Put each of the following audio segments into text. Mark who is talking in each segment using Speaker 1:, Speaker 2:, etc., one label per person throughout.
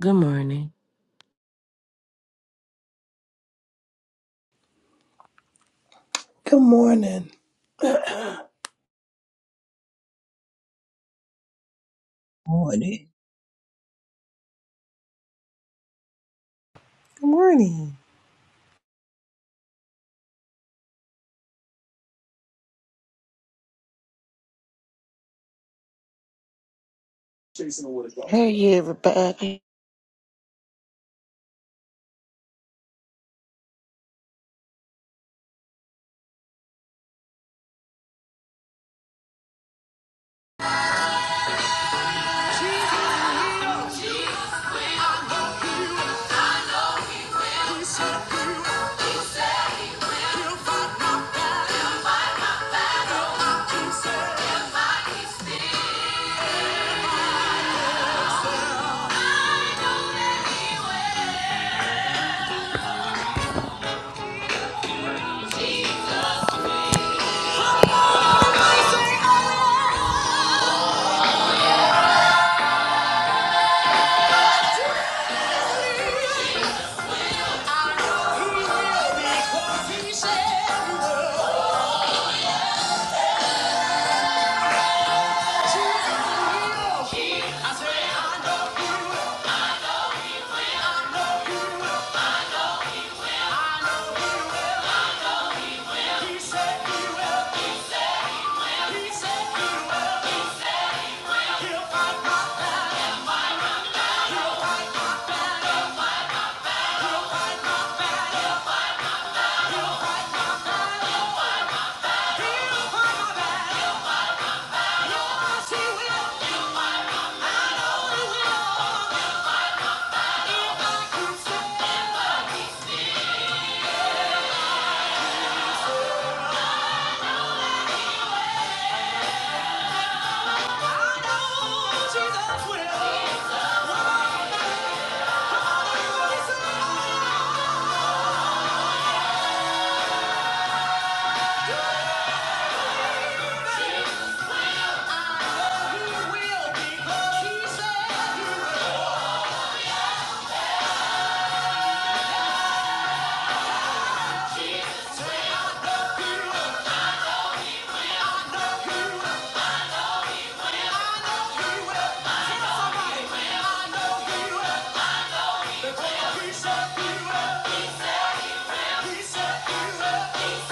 Speaker 1: Good morning.
Speaker 2: Good morning.
Speaker 3: morning.
Speaker 4: Good morning.
Speaker 5: Hey everybody.
Speaker 6: He'll fight my battle. He said he will. He said he will. He said he will.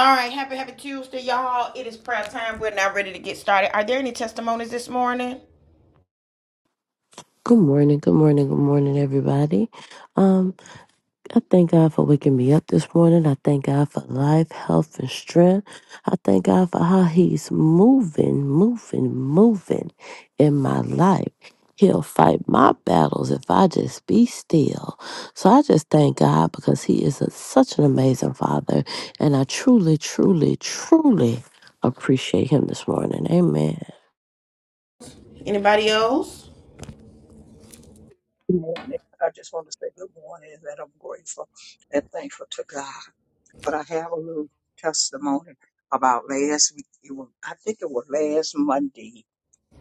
Speaker 6: All right, happy, happy Tuesday, y'all. It is prayer time. We're now ready to get started. Are there any testimonies this morning?
Speaker 1: Good morning. Good morning. Good morning, everybody. Um, I thank God for waking me up this morning. I thank God for life, health, and strength. I thank God for how He's moving, moving, moving in my life. He'll fight my battles if I just be still. So I just thank God because He is a, such an amazing Father. And I truly, truly, truly appreciate Him this morning. Amen.
Speaker 6: Anybody else?
Speaker 3: Good morning. I just want to say good morning and that I'm grateful and thankful to God. But I have a little testimony about last week. It was, I think it was last Monday.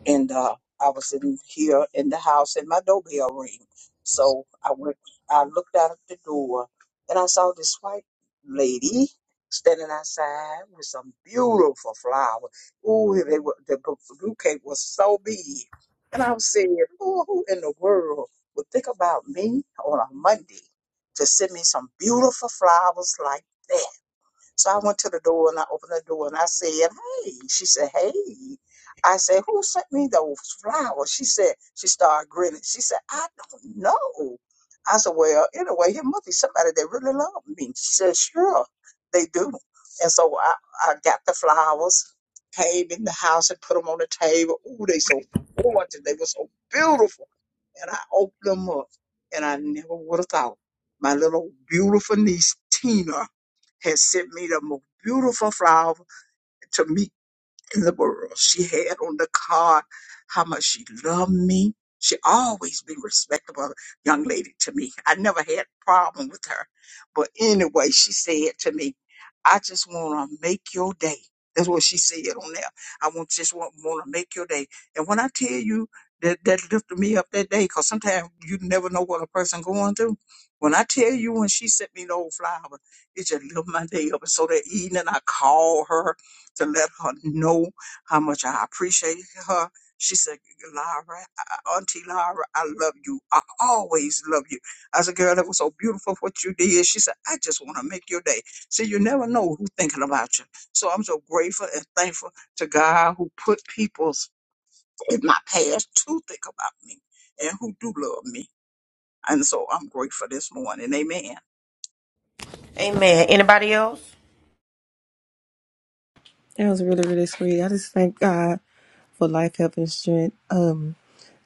Speaker 3: and uh, I was in here in the house, and my doorbell rang. So I went, I looked out the door, and I saw this white lady standing outside with some beautiful flowers. Ooh, they were, the bu- bouquet was so big, and I was saying, "Ooh, who in the world would think about me on a Monday to send me some beautiful flowers like?" that?" So I went to the door and I opened the door and I said, Hey. She said, Hey. I said, Who sent me those flowers? She said, She started grinning. She said, I don't know. I said, Well, anyway, here must be somebody that really loved me. She said, Sure, they do. And so I, I got the flowers, came in the house and put them on the table. Ooh, they so gorgeous. They were so beautiful. And I opened them up and I never would have thought my little beautiful niece, Tina has sent me the most beautiful flower to meet in the world she had on the card how much she loved me. She always been respectable young lady to me. I never had a problem with her. But anyway, she said to me, I just want to make your day. That's what she said on there. I want just want, want to make your day. And when I tell you that that lifted me up that day, because sometimes you never know what a person going through. When I tell you when she sent me those flowers, it just lifted my day up. And so that evening I called her to let her know how much I appreciate her. She said, Lyra, I- Auntie Lyra, I love you. I always love you. I said, girl, that was so beautiful what you did. She said, I just want to make your day. See, you never know who's thinking about you. So I'm so grateful and thankful to God who put people in my past to think about me and who do love me. And so I'm grateful this morning. Amen.
Speaker 6: Amen. Anybody else?
Speaker 4: That was really, really sweet. I just thank God for life, health, and strength. Um,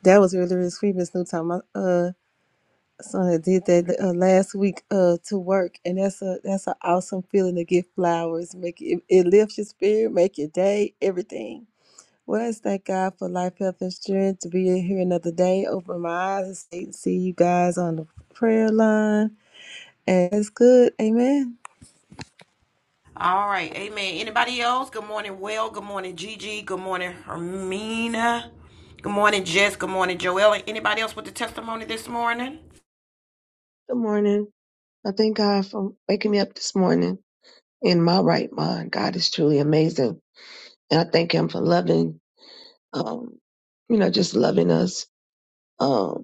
Speaker 4: that was really, really sweet, Miss Newton. My uh, son that did that uh, last week uh to work, and that's a that's an awesome feeling to get flowers. Make it it lifts your spirit, make your day, everything. Well, I just thank God for life, health, and strength to be here another day. Open my eyes and see see you guys on the prayer line, and it's good. Amen.
Speaker 6: All right, amen. Anybody else? Good morning, Will. Good morning, Gigi. Good morning, Hermina. Good morning, Jess. Good morning, Joella. Anybody else with the testimony this morning?
Speaker 7: Good morning. I thank God for waking me up this morning in my right mind. God is truly amazing. And I thank Him for loving, um, you know, just loving us um,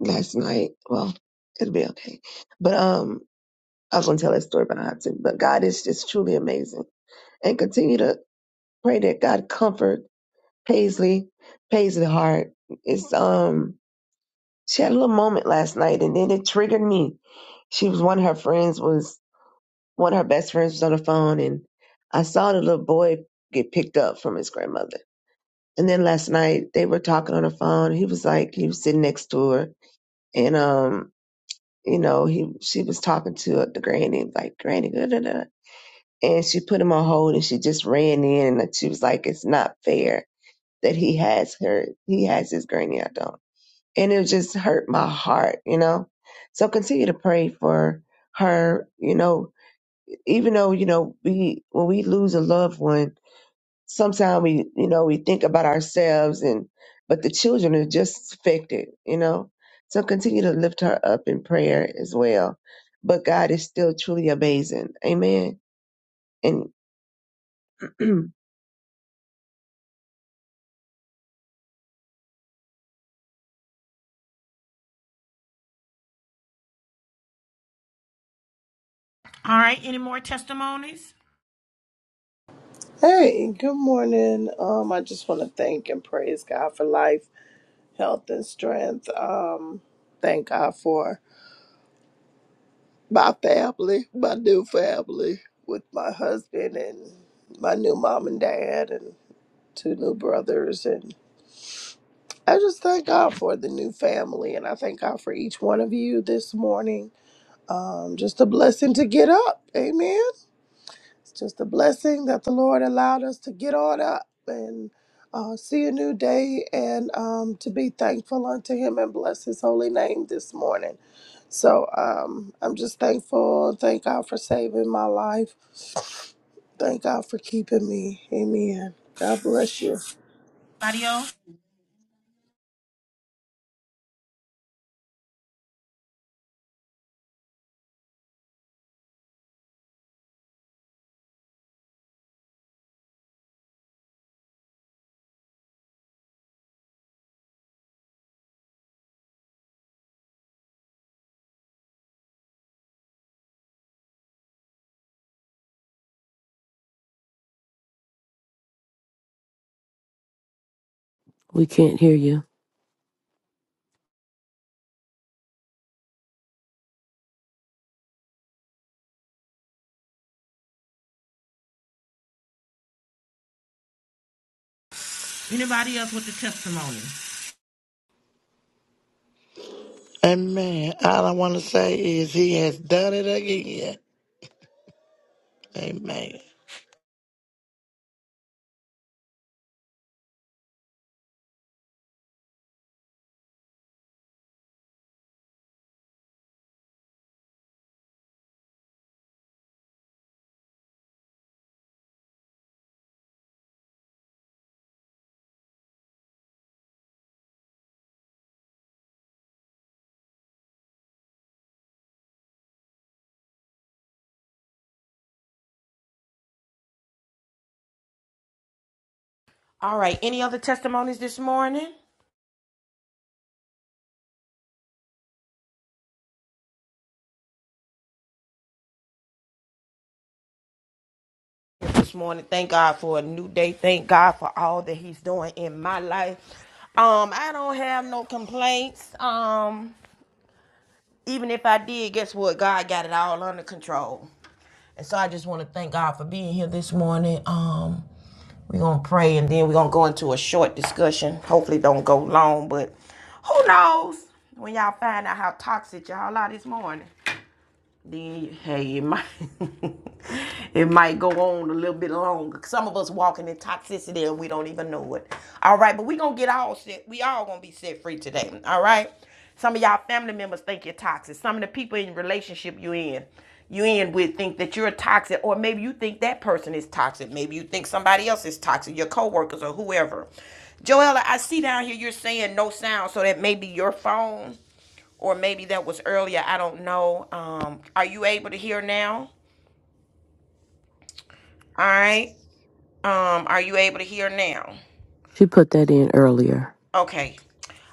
Speaker 7: last night. Well, it'll be okay. But um, I was going to tell that story, but I don't have to. But God is just truly amazing. And continue to pray that God comfort Paisley, Paisley heart. It's, um, she had a little moment last night and then it triggered me. She was one of her friends was One of her best friends was on the phone, and I saw the little boy get picked up from his grandmother. And then last night they were talking on the phone. He was like, he was sitting next to her, and um, you know, he she was talking to the granny, like granny, da da da. And she put him on hold, and she just ran in, and she was like, it's not fair that he has her, he has his granny, I don't. And it just hurt my heart, you know. So continue to pray for her, you know, even though you know we when we lose a loved one sometimes we you know we think about ourselves and but the children are just affected you know so continue to lift her up in prayer as well but god is still truly amazing amen and
Speaker 6: All right, any more testimonies?
Speaker 2: Hey, good morning. Um, I just want to thank and praise God for life, health, and strength. Um, thank God for my family, my new family, with my husband and my new mom and dad, and two new brothers. And I just thank God for the new family, and I thank God for each one of you this morning. Um, just a blessing to get up. Amen. It's just a blessing that the Lord allowed us to get on up and uh, see a new day and um, to be thankful unto Him and bless His holy name this morning. So um, I'm just thankful. Thank God for saving my life. Thank God for keeping me. Amen. God bless you.
Speaker 1: We can't hear you.
Speaker 6: Anybody else with the testimony?
Speaker 5: Amen. All I want to say is he has done it again. Amen.
Speaker 6: All right, any other testimonies this morning? This morning, thank God for a new day. Thank God for all that He's doing in my life. Um, I don't have no complaints. Um, even if I did, guess what? God got it all under control. And so I just want to thank God for being here this morning. Um, we're gonna pray and then we're gonna go into a short discussion. Hopefully, don't go long, but who knows when y'all find out how toxic y'all are this morning then hey, it might it might go on a little bit longer. Some of us walking in toxicity and we don't even know it. All right, but we gonna get all set. We all gonna be set free today. All right. Some of y'all family members think you're toxic. Some of the people in relationship you in, you in with think that you're toxic, or maybe you think that person is toxic. Maybe you think somebody else is toxic, your coworkers or whoever. Joella, I see down here you're saying no sound, so that may be your phone or maybe that was earlier. I don't know. Um, are you able to hear now? All right. Um, are you able to hear now?
Speaker 1: She put that in earlier.
Speaker 6: Okay.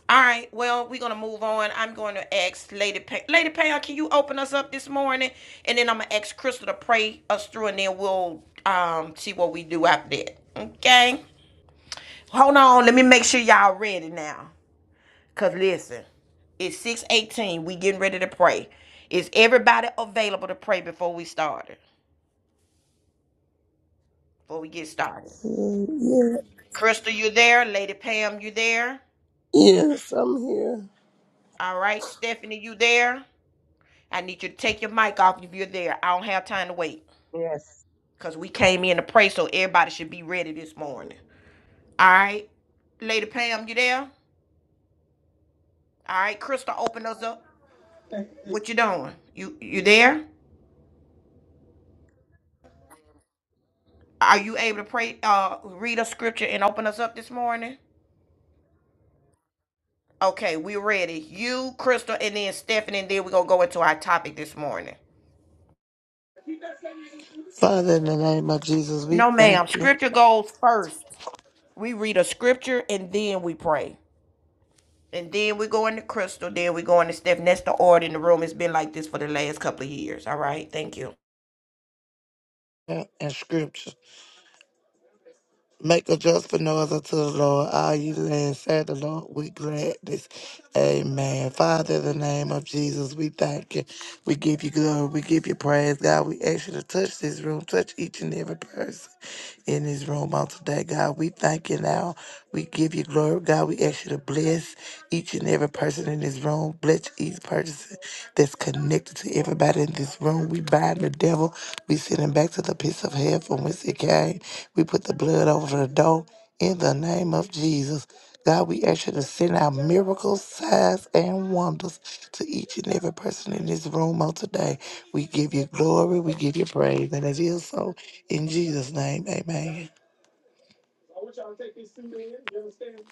Speaker 6: All right. Well, we're gonna move on. I'm going to ask Lady Pay. Lady Pay, can you open us up this morning? And then I'm gonna ask Crystal to pray us through, and then we'll um see what we do after that. Okay. Hold on. Let me make sure y'all ready now. Cause listen, it's 6:18. We getting ready to pray. Is everybody available to pray before we start? before we get started.
Speaker 2: Mm, Yeah,
Speaker 6: Crystal, you there? Lady Pam, you there?
Speaker 2: yes, I'm here.
Speaker 6: All right. Stephanie, you there? I need you to take your mic off if you're there. I don't have time to wait
Speaker 7: yes
Speaker 6: because we came in to pray, so everybody should be ready this morning. All right. Lady Pam, you there? All right. Crystal, open us up. What you doing? You you there? Are you able to pray? Uh, read a scripture and open us up this morning. Okay, we're ready. You, Crystal, and then Stephanie, and then we're gonna go into our topic this morning.
Speaker 5: Father, in the name of Jesus, we
Speaker 6: No, ma'am.
Speaker 5: thank you
Speaker 6: Scripture goes first. We read a scripture and then we pray. And then we go into crystal, then we go into Steph. And that's the order in the room. It's been like this for the last couple of years. All right. Thank you.
Speaker 5: and scripture. Make a joyful noise unto the Lord. All ye lands, say the Lord with gladness. Amen. Father, in the name of Jesus, we thank you. We give you glory. We give you praise, God. We ask you to touch this room, touch each and every person in this room on today, God. We thank you now. We give you glory, God. We ask you to bless each and every person in this room. Bless each person that's connected to everybody in this room. We bind the devil. We send him back to the pits of hell from whence he came. We put the blood over the door in the name of Jesus. God, we ask you to send out miracles, signs, and wonders to each and every person in this room on today. We give you glory. We give you praise. And it is so in Jesus' name. Amen.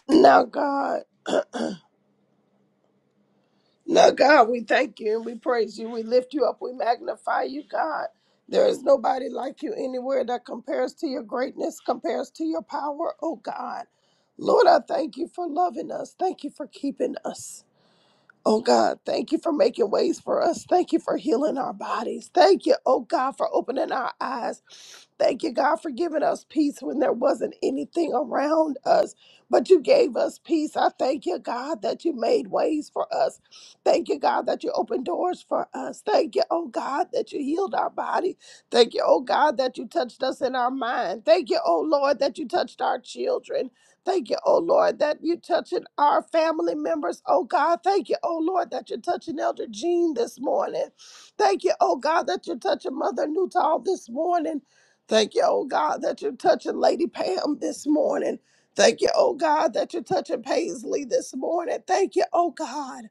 Speaker 2: Now, God. Now, God, we thank you and we praise you. We lift you up. We magnify you, God. There is nobody like you anywhere that compares to your greatness, compares to your power, oh God. Lord, I thank you for loving us. Thank you for keeping us. Oh God, thank you for making ways for us. Thank you for healing our bodies. Thank you, oh God, for opening our eyes. Thank you, God, for giving us peace when there wasn't anything around us, but you gave us peace. I thank you, God, that you made ways for us. Thank you, God, that you opened doors for us. Thank you, oh God, that you healed our body. Thank you, oh God, that you touched us in our mind. Thank you, oh Lord, that you touched our children. Thank you, oh Lord, that you touching our family members. Oh God, thank you, oh Lord, that you're touching Elder Jean this morning. Thank you, oh God, that you're touching Mother Newtall this morning. Thank you, oh God, that you're touching Lady Pam this morning. Thank you, oh God, that you're touching Paisley this morning. Thank you, oh God.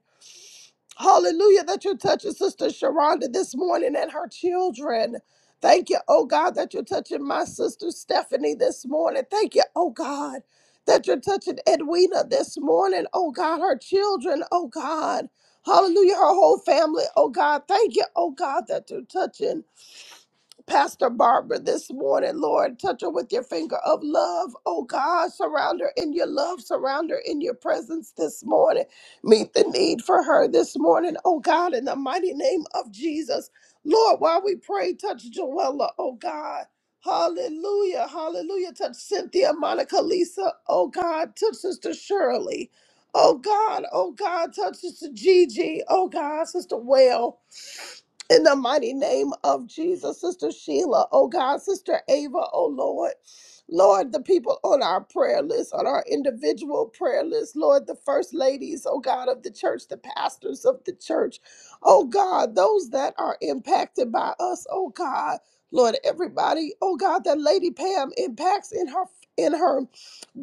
Speaker 2: Hallelujah, that you're touching Sister Sharonda this morning and her children. Thank you, oh God, that you're touching my sister Stephanie this morning. Thank you, oh God, that you're touching Edwina this morning. Oh God, her children, oh God. Hallelujah, her whole family, oh God. Thank you, oh God, that you're touching. Pastor Barbara this morning, Lord. Touch her with your finger of love. Oh God, surround her in your love, surround her in your presence this morning. Meet the need for her this morning, oh God, in the mighty name of Jesus. Lord, while we pray, touch Joella, oh God. Hallelujah, hallelujah. Touch Cynthia, Monica, Lisa, oh God. Touch Sister Shirley, oh God, oh God. Touch Sister Gigi, oh God, Sister Well. In the mighty name of Jesus, Sister Sheila, oh God, Sister Ava, oh Lord. Lord, the people on our prayer list, on our individual prayer list, Lord, the first ladies, oh God, of the church, the pastors of the church, oh God, those that are impacted by us, oh God, Lord, everybody, oh God, that Lady Pam impacts in her in her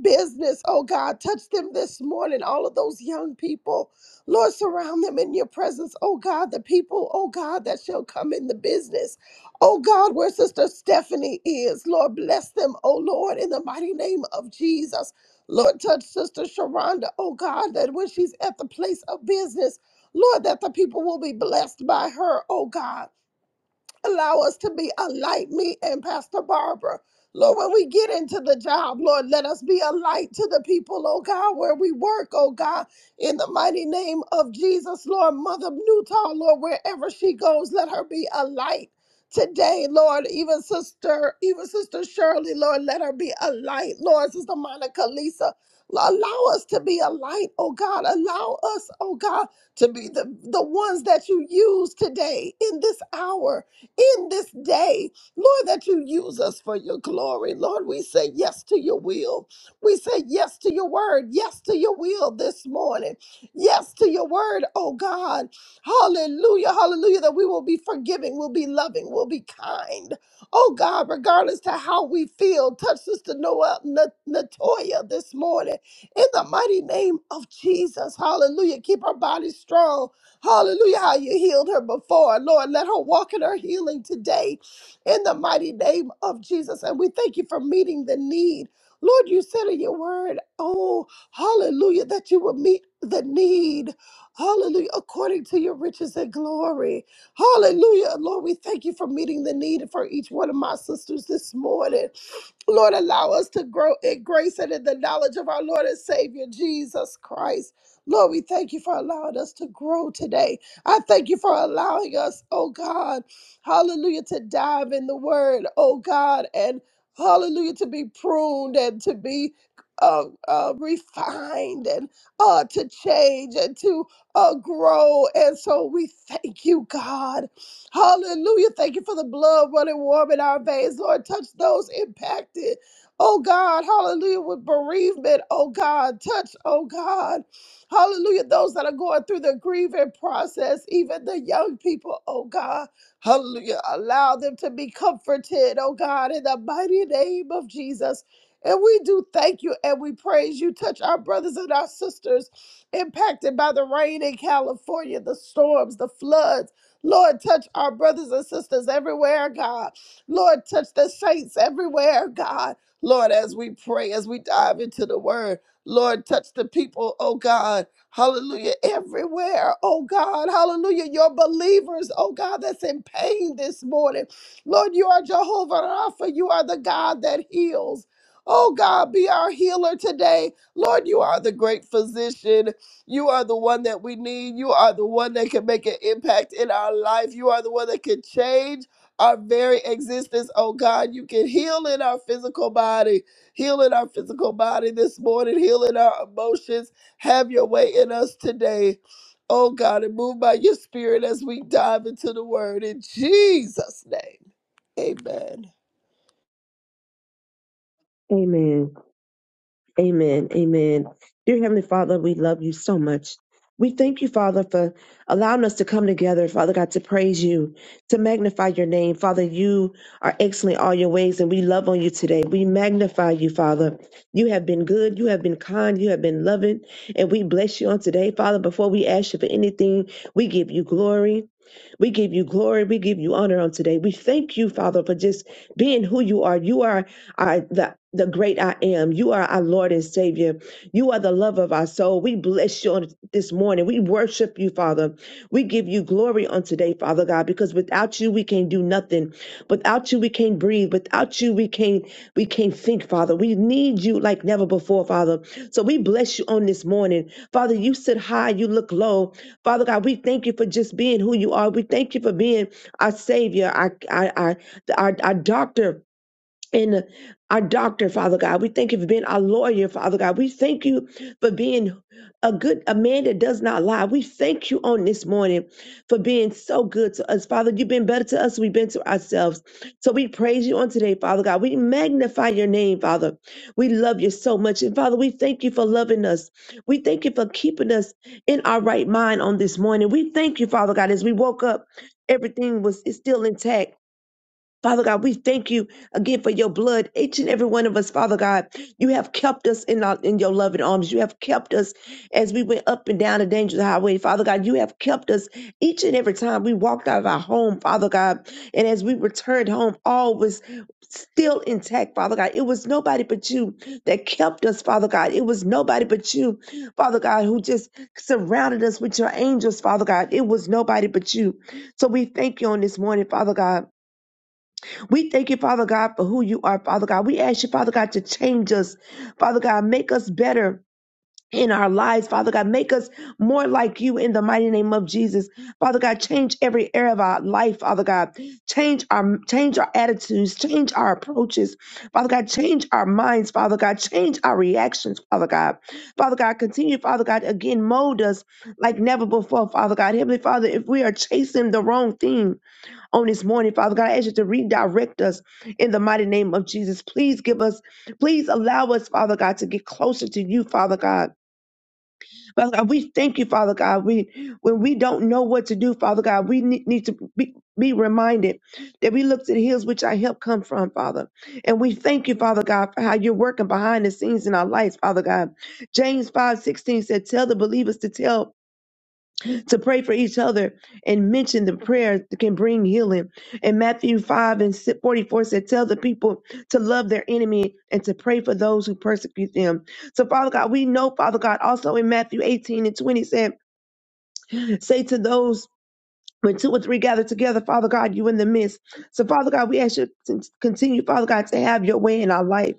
Speaker 2: business, oh God, touch them this morning, all of those young people. Lord, surround them in your presence. Oh God, the people, oh God, that shall come in the business. Oh God, where Sister Stephanie is. Lord, bless them, oh Lord, in the mighty name of Jesus. Lord, touch Sister Sharonda, oh God, that when she's at the place of business, Lord, that the people will be blessed by her, oh God. Allow us to be a light, me and Pastor Barbara. Lord, when we get into the job, Lord, let us be a light to the people, oh God, where we work, oh God, in the mighty name of Jesus, Lord. Mother Newtall, Lord, wherever she goes, let her be a light today, Lord. Even Sister, even Sister Shirley, Lord, let her be a light, Lord. Sister Monica, Lisa, allow us to be a light, oh God. Allow us, oh God, to be the, the ones that you use today in this hour in this day, Lord, that you use us for your glory. Lord, we say yes to your will. We say yes to your word, yes to your will this morning, yes to your word, oh God. Hallelujah, hallelujah, that we will be forgiving, we'll be loving, we'll be kind. Oh God, regardless to how we feel, touch Sister Noah, Na- Natoya this morning in the mighty name of Jesus. Hallelujah. Keep our bodies strong. Hallelujah, how you healed her before. Lord, let her walk in her healing today in the mighty name of Jesus. And we thank you for meeting the need. Lord, you said in your word, oh, hallelujah, that you will meet the need. Hallelujah, according to your riches and glory. Hallelujah. Lord, we thank you for meeting the need for each one of my sisters this morning. Lord, allow us to grow in grace and in the knowledge of our Lord and Savior Jesus Christ. Lord, we thank you for allowing us to grow today. I thank you for allowing us, oh God, hallelujah, to dive in the word, oh God, and hallelujah, to be pruned and to be uh, uh, refined and uh, to change and to uh, grow. And so we thank you, God. Hallelujah. Thank you for the blood running warm in our veins. Lord, touch those impacted. Oh God, hallelujah, with bereavement. Oh God, touch, oh God. Hallelujah, those that are going through the grieving process, even the young people, oh God. Hallelujah, allow them to be comforted, oh God, in the mighty name of Jesus. And we do thank you and we praise you. Touch our brothers and our sisters impacted by the rain in California, the storms, the floods. Lord, touch our brothers and sisters everywhere, God. Lord, touch the saints everywhere, God. Lord, as we pray, as we dive into the word, Lord, touch the people, oh God. Hallelujah, everywhere, oh God. Hallelujah, your believers, oh God, that's in pain this morning. Lord, you are Jehovah Rapha. You are the God that heals. Oh God, be our healer today. Lord, you are the great physician. You are the one that we need. You are the one that can make an impact in our life. You are the one that can change our very existence. Oh God, you can heal in our physical body, heal in our physical body this morning, heal in our emotions. Have your way in us today. Oh God, and move by your spirit as we dive into the word in Jesus' name. Amen.
Speaker 7: amen Amen. Amen. Dear Heavenly Father, we love you so much. We thank you, Father, for allowing us to come together, Father God, to praise you, to magnify your name. Father, you are excellent all your ways, and we love on you today. We magnify you, Father. You have been good, you have been kind, you have been loving, and we bless you on today, Father. Before we ask you for anything, we give you glory. We give you glory. We give you honor on today. We thank you, Father, for just being who you are. You are our, the the great I am. You are our Lord and Savior. You are the love of our soul. We bless you on this morning. We worship you, Father. We give you glory on today, Father God, because without you we can't do nothing. Without you we can't breathe. Without you we can't we can't think, Father. We need you like never before, Father. So we bless you on this morning. Father, you sit high, you look low, Father God, we thank you for just being who you are. We thank you for being our Savior, our, our, our, our, our doctor and our doctor, Father God. We thank you for being our lawyer, Father God. We thank you for being a good a man that does not lie. We thank you on this morning for being so good to us, Father. You've been better to us. than We've been to ourselves. So we praise you on today, Father God. We magnify your name, Father. We love you so much, and Father, we thank you for loving us. We thank you for keeping us in our right mind on this morning. We thank you, Father God, as we woke up. Everything was is still intact. Father God, we thank you again for your blood. Each and every one of us, Father God, you have kept us in, our, in your loving arms. You have kept us as we went up and down the dangerous highway. Father God, you have kept us each and every time we walked out of our home, Father God. And as we returned home, all was still intact, Father God. It was nobody but you that kept us, Father God. It was nobody but you, Father God, who just surrounded us with your angels, Father God. It was nobody but you. So we thank you on this morning, Father God. We thank you, Father God, for who you are, Father God. We ask you, Father God, to change us. Father God, make us better in our lives, Father God. Make us more like you in the mighty name of Jesus. Father God, change every area of our life, Father God. Change our change our attitudes, change our approaches. Father God, change our minds, Father God. Change our reactions, Father God. Father God, continue, Father God, again, mold us like never before, Father God. Heavenly Father, if we are chasing the wrong thing, on this morning, Father God. I ask you to redirect us in the mighty name of Jesus. Please give us, please allow us, Father God, to get closer to you, Father God. Father God, we thank you, Father God. We when we don't know what to do, Father God, we need, need to be, be reminded that we look to the hills which our help come from, Father. And we thank you, Father God, for how you're working behind the scenes in our lives, Father God. James 5 16 said, Tell the believers to tell to pray for each other and mention the prayers that can bring healing. And Matthew 5 and si, 44 said, Tell the people to love their enemy and to pray for those who persecute them. So, Father God, we know, Father God, also in Matthew 18 and 20 said, Say to those when two or three gather together, Father God, you in the midst. So, Father God, we ask you to continue, Father God, to have your way in our life.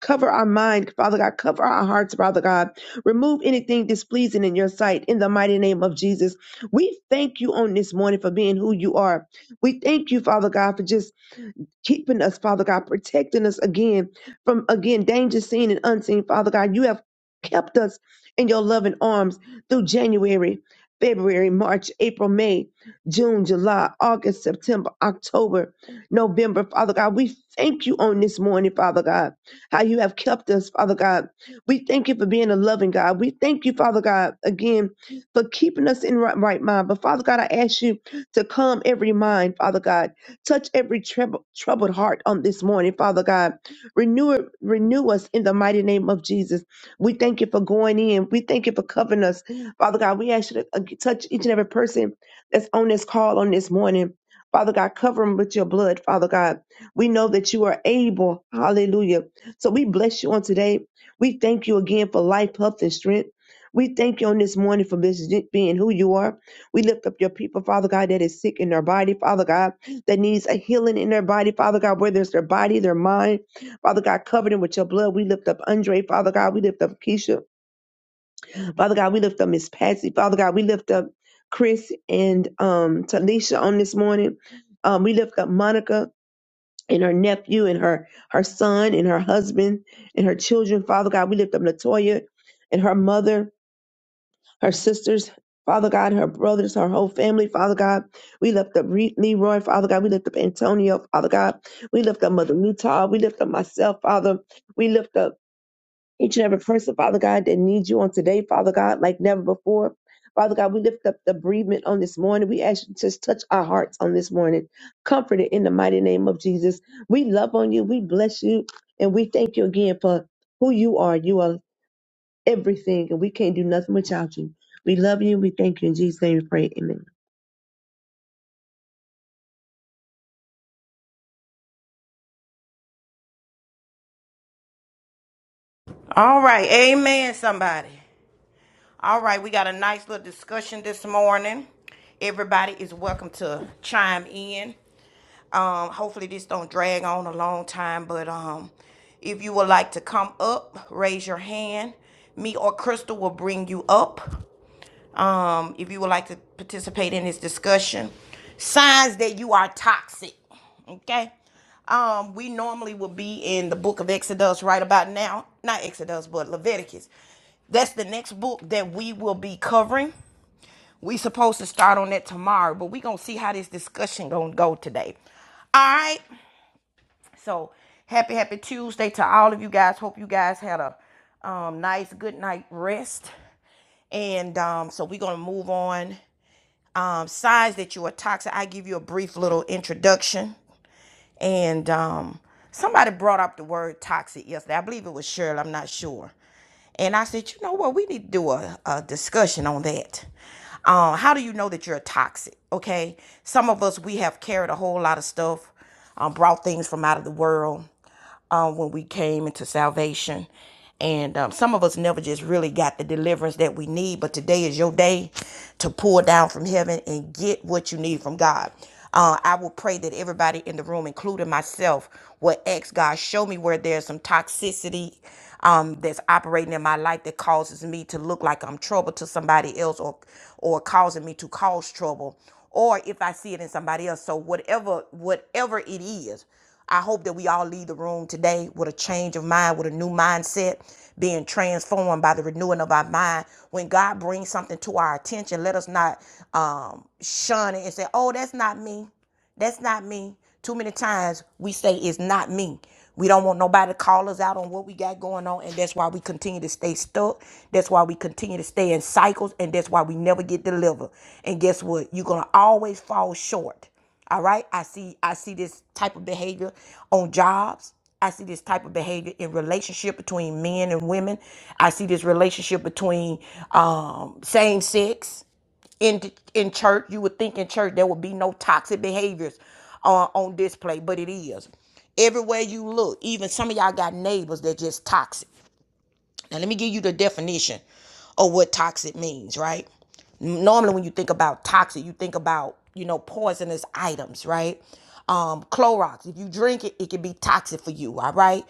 Speaker 7: Cover our mind, Father God. Cover our hearts, Father God. Remove anything displeasing in your sight in the mighty name of Jesus. We thank you on this morning for being who you are. We thank you, Father God, for just keeping us, Father God, protecting us again from again danger seen and unseen, Father God. You have kept us in your loving arms through January, February, March, April, May, June, July, August, September, October, November, Father God. We thank you on this morning, Father God, how you have kept us, Father God. We thank you for being a loving God. We thank you, Father God, again for keeping us in right, right mind. But Father God, I ask you to calm every mind, Father God Touch every trouble, troubled heart on this morning, Father God. Renew it, renew us in the mighty name of Jesus. We thank you for going in. We thank you for covering us, Father God. We ask you to uh, touch each and every person that's on this call on this morning. Father God, cover them with your blood, Father God. We know that you are able. Hallelujah. So we bless you on today. We thank you again for life, health, and strength. We thank you on this morning for being who you are. We lift up your people, Father God, that is sick in their body, Father God that needs a healing in their body, Father God, whether it's their body, their mind. Father God, cover them with your blood. We lift up Andre, Father God. We lift up Keisha. Father God, we lift up Miss Patsy. Father God, we lift up Chris and um, Talisha on this morning. Um, we lift up Monica and her nephew and her her son and her husband and her children. Father God, we lift up Latoya and her mother her sisters, Father God, her brothers, her whole family, Father God. We lift up Re- Leroy, Father God. We lift up Antonio, Father God. We lift up Mother Newtall. We lift up myself, Father. We lift up each and every person, Father God, that needs you on today, Father God, like never before. Father God, we lift up the bereavement on this morning. We ask you to just touch our hearts on this morning. Comfort it in the mighty name of Jesus. We love on you. We bless you. And we thank you again for who you are. You are everything, and we can't do nothing without you. We love you. We thank you in Jesus' name. We pray. Amen.
Speaker 6: All right. Amen, somebody. All right. We got a nice little discussion this morning. Everybody is welcome to chime in. Um, hopefully this don't drag on a long time, but um if you would like to come up, raise your hand. Me or Crystal will bring you up. um, if you would like to participate in this discussion. Signs that you are toxic. Okay. Um, we normally would be in the book of Exodus right about now. Not Exodus, but Leviticus. That's the next book that we will be covering. We supposed to start on that tomorrow, but we gonna see how this discussion gonna go today. All right. So happy, happy Tuesday to all of you guys. Hope you guys had a um, nice good night rest. And um, so we're gonna move on um, signs that you are toxic. I give you a brief little introduction. And um, somebody brought up the word toxic yesterday. I believe it was Shirley. I'm not sure. And I said, you know what? We need to do a, a discussion on that. Um, how do you know that you're toxic? Okay. Some of us, we have carried a whole lot of stuff, um, brought things from out of the world um, when we came into salvation. And um, some of us never just really got the deliverance that we need. But today is your day to pour down from heaven and get what you need from God. Uh, I will pray that everybody in the room, including myself, will ask God, show me where there's some toxicity um, that's operating in my life that causes me to look like I'm trouble to somebody else or or causing me to cause trouble or if I see it in somebody else. So whatever whatever it is, I hope that we all leave the room today with a change of mind, with a new mindset, being transformed by the renewing of our mind. When God brings something to our attention, let us not um, shun it and say, "Oh, that's not me." That's not me. Too many times we say it's not me. We don't want nobody to call us out on what we got going on, and that's why we continue to stay stuck. That's why we continue to stay in cycles, and that's why we never get delivered. And guess what? You're gonna always fall short. All right. I see I see this type of behavior on jobs. I see this type of behavior in relationship between men and women. I see this relationship between um, same sex in in church you would think in church there would be no toxic behaviors uh, on display but it is everywhere you look even some of y'all got neighbors that just toxic now let me give you the definition of what toxic means right normally when you think about toxic you think about you know poisonous items right um Clorox if you drink it it can be toxic for you all right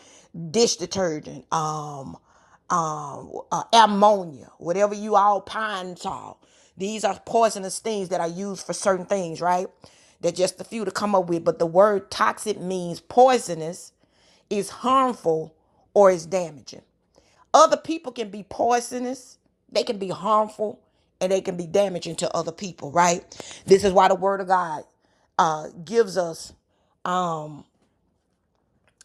Speaker 6: dish detergent um, um, uh, ammonia, whatever you all pine tar. These are poisonous things that are used for certain things, right? They're just a few to come up with, but the word toxic means poisonous, is harmful, or is damaging. Other people can be poisonous, they can be harmful, and they can be damaging to other people, right? This is why the word of God uh, gives us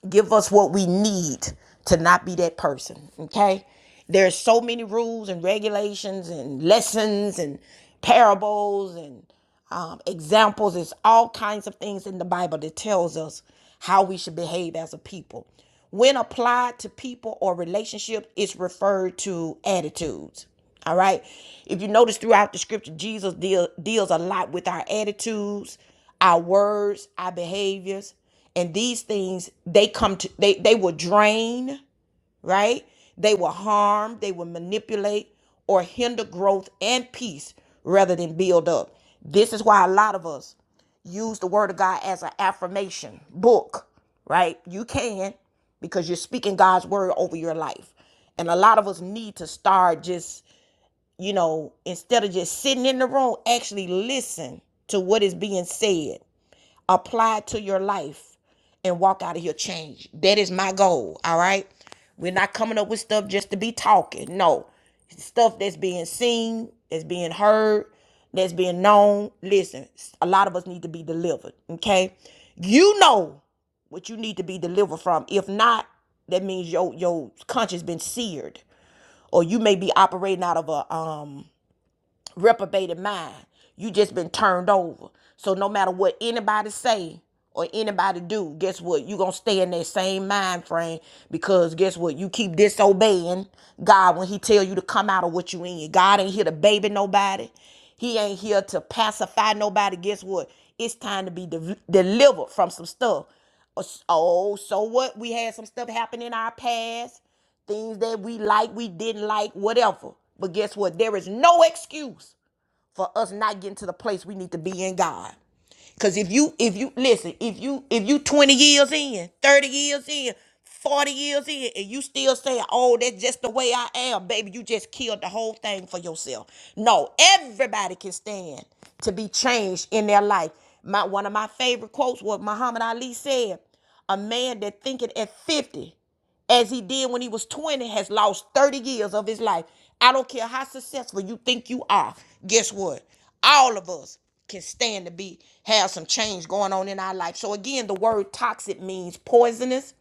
Speaker 6: Give us what we need to not be that person, okay? There's so many rules and regulations and lessons and parables and um, examples. It's all kinds of things in the Bible that tells us how we should behave as a people. When applied to people or relationships, it's referred to attitudes. All right. If you notice throughout the scripture, Jesus deal, deals a lot with our attitudes, our words, our behaviors, and these things they come to they they will drain, right? They will harm, they will manipulate or hinder growth and peace rather than build up. This is why a lot of us use the word of God as an affirmation book, right? You can because you're speaking God's word over your life. And a lot of us need to start just, you know, instead of just sitting in the room, actually listen to what is being said apply it to your life and walk out of here changed. That is my goal. All right. We're not coming up with stuff just to be talking. No. Stuff that's being seen, that's being heard, that's being known. Listen, a lot of us need to be delivered. Okay. You know what you need to be delivered from. If not, that means your your conscience been seared. Or you may be operating out of a um reprobated mind. You just been turned over. So no matter what anybody say or anybody do, guess what? You gonna stay in that same mind frame because guess what? You keep disobeying God when He tell you to come out of what you in. God ain't here to baby nobody. He ain't here to pacify nobody. Guess what? It's time to be de- delivered from some stuff. Oh, so what? We had some stuff happen in our past things that we like, we didn't like, whatever. But guess what? There is no excuse for us not getting to the place we need to be in God. Cause if you if you listen, if you if you 20 years in, 30 years in, 40 years in, and you still saying, oh, that's just the way I am, baby, you just killed the whole thing for yourself. No, everybody can stand to be changed in their life. My one of my favorite quotes was Muhammad Ali said, a man that thinketh at 50 as he did when he was 20 has lost 30 years of his life. I don't care how successful you think you are. Guess what? All of us can stand to be have some change going on in our life. So again, the word toxic means poisonous,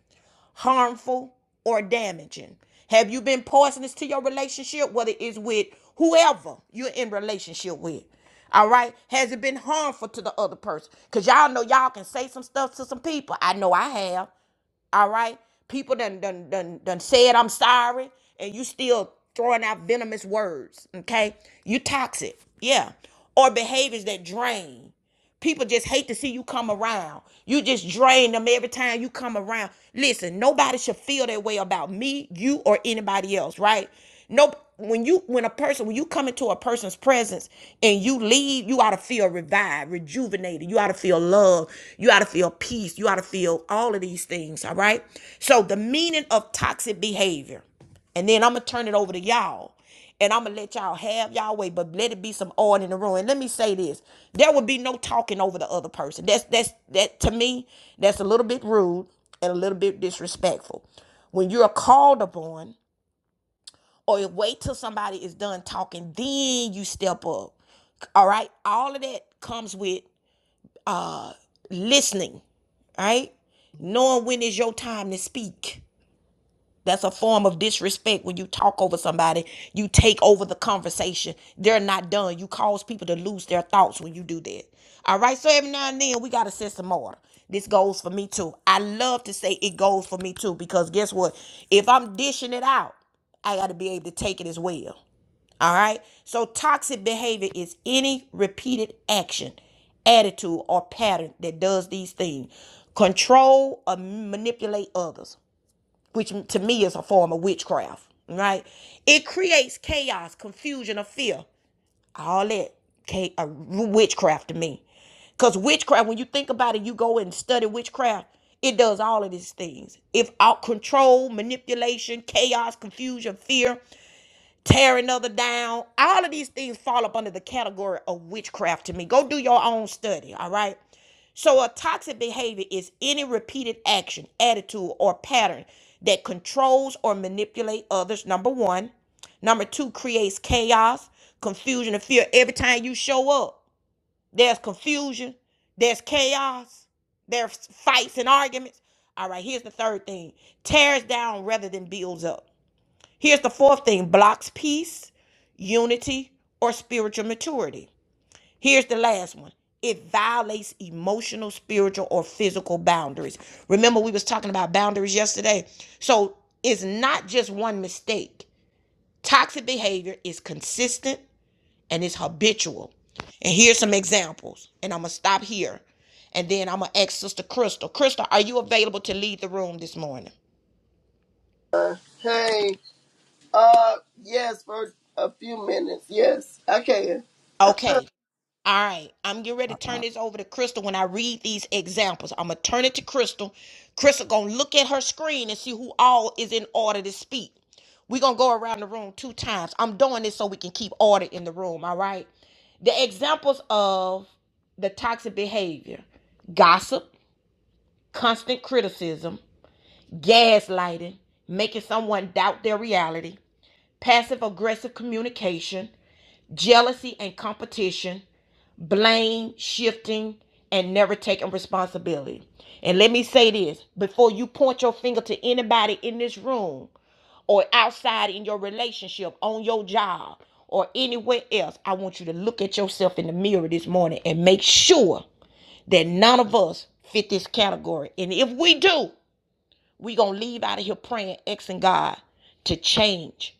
Speaker 6: harmful, or damaging? Have you been poisonous to your relationship, whether it's with whoever you're in relationship with? All right. Has it been harmful to the other person? Because y'all know y'all can say some stuff to some people. I know I have. All right. People done done done done said I'm sorry, and you still throwing out venomous words. Okay. You toxic. Yeah. Or behaviors that drain. People just hate to see you come around. You just drain them every time you come around. Listen, nobody should feel that way about me, you, or anybody else, right? Nope. When you when a person when you come into a person's presence and you leave, you ought to feel revived, rejuvenated. You ought to feel love. You ought to feel peace. You ought to feel all of these things. All right. So the meaning of toxic behavior, and then I'm gonna turn it over to y'all and I'm gonna let y'all have y'all way, but let it be some order in the room. And let me say this: there would be no talking over the other person. That's that's that to me. That's a little bit rude and a little bit disrespectful. When you're called upon, or you wait till somebody is done talking, then you step up. All right, all of that comes with listening. All right, knowing when is your time to speak That's a form of disrespect when you talk over somebody. You take over the conversation. They're not done. You cause people to lose their thoughts when you do that. All right. So every now and then we gotta set some order. This goes for me too. I love to say it goes for me too because guess what? If I'm dishing it out, I gotta be able to take it as well. All right. So toxic behavior is any repeated action attitude or pattern that does these things control or manipulate others which to me is a form of witchcraft, right? It creates chaos, confusion, or fear. All that uh, witchcraft to me. Because witchcraft, when you think about it, you go and study witchcraft, it does all of these things. If out control, manipulation, chaos, confusion, fear, tear another down. All of these things fall up under the category of witchcraft to me. Go do your own study, all right? So, a toxic behavior is any repeated action, attitude, or pattern that controls or manipulates others, number one. Number two, creates chaos, confusion, and fear. Every time you show up, there's confusion, there's chaos, there's fights and arguments. All right, here's the third thing tears down rather than builds up. Here's the fourth thing blocks peace, unity, or spiritual maturity. Here's the last one. It violates emotional, spiritual, or physical boundaries. Remember, we was talking about boundaries yesterday. So it's not just one mistake. Toxic behavior is consistent and it's habitual. And here's some examples. And I'm gonna stop here. And then I'm gonna ask Sister Crystal. Crystal, are you available to lead the room this morning?
Speaker 2: Hey, uh, yes, for a few minutes. Yes, I can.
Speaker 6: Okay. All right, I'm getting ready to turn this over to Crystal when I read these examples. I'm gonna turn it to Crystal. Crystal gonna look at her screen and see who all is in order to speak. We're gonna go around the room two times. I'm doing this so we can keep order in the room, all right? The examples of the toxic behavior gossip, constant criticism, gaslighting, making someone doubt their reality, passive aggressive communication, jealousy and competition, blame, shifting, and never taking responsibility. And let me say this before you point your finger to anybody in this room or outside in your relationship, on your job, or anywhere else, I want you to look at yourself in the mirror this morning and make sure that none of us fit this category. And if we do, we going to leave out of here praying, asking God to change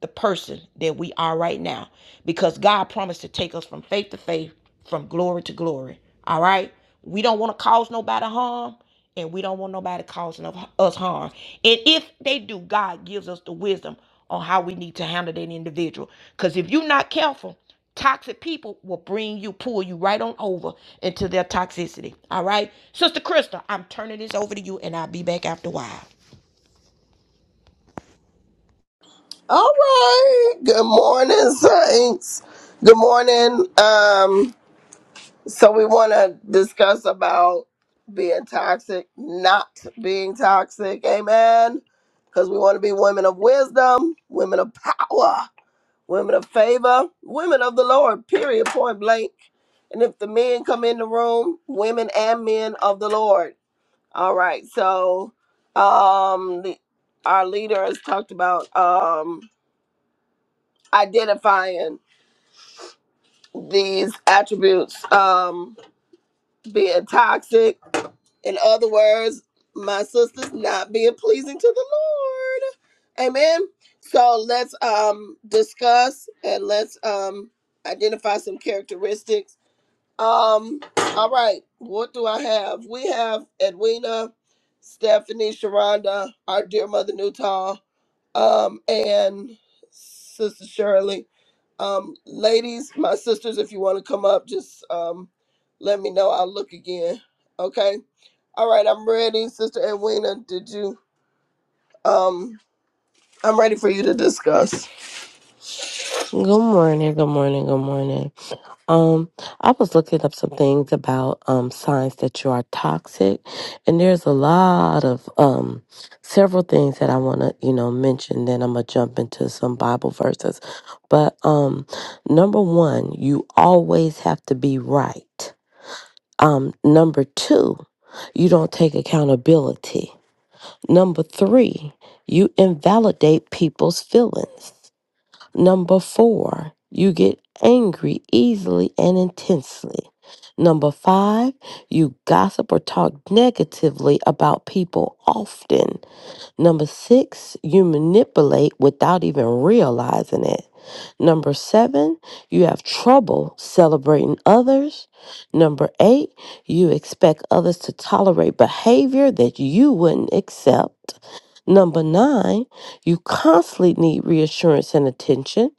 Speaker 6: the person that we are right now because God promised to take us from faith to faith, from glory to glory. All right? We don't want to cause nobody harm and we don't want nobody causing us harm. And if they do, God gives us the wisdom on how we need to handle that individual. Because if you're not careful, toxic people will bring you, pull you right on over into their toxicity. All right? Sister Krista, I'm turning this over to you and I'll be back after a while.
Speaker 2: All right. Good morning, Saints. Good morning. Um, so we want to discuss about being toxic, not being toxic. Amen. Because we want to be women of wisdom, women of power, women of favor, women of the Lord, period, point blank. And if the men come in the room, women and men of the Lord. All right. So um, the, our leader has talked about um, identifying these attributes um being toxic in other words my sister's not being pleasing to the lord amen so let's um discuss and let's um identify some characteristics um all right what do i have we have edwina stephanie sharonda our dear mother newtall um, and Sister Shirley. Um, ladies, my sisters, if you want to come up, just um, let me know. I'll look again. Okay. All right, I'm ready. Sister Edwina, did you? Um, I'm ready for you to discuss.
Speaker 1: Good morning, good morning, good morning. Um, I was looking up some things about um signs that you are toxic, and there's a lot of um several things that I want to you know mention. Then I'm gonna jump into some Bible verses, but um, number one, you always have to be right. Um, number two, you don't take accountability. Number three, you invalidate people's feelings. Number four, you get angry easily and intensely. Number five, you gossip or talk negatively about people often. Number six, you manipulate without even realizing it. Number seven, you have trouble celebrating others. Number eight, you expect others to tolerate behavior that you wouldn't accept. Number nine, you constantly need reassurance and attention.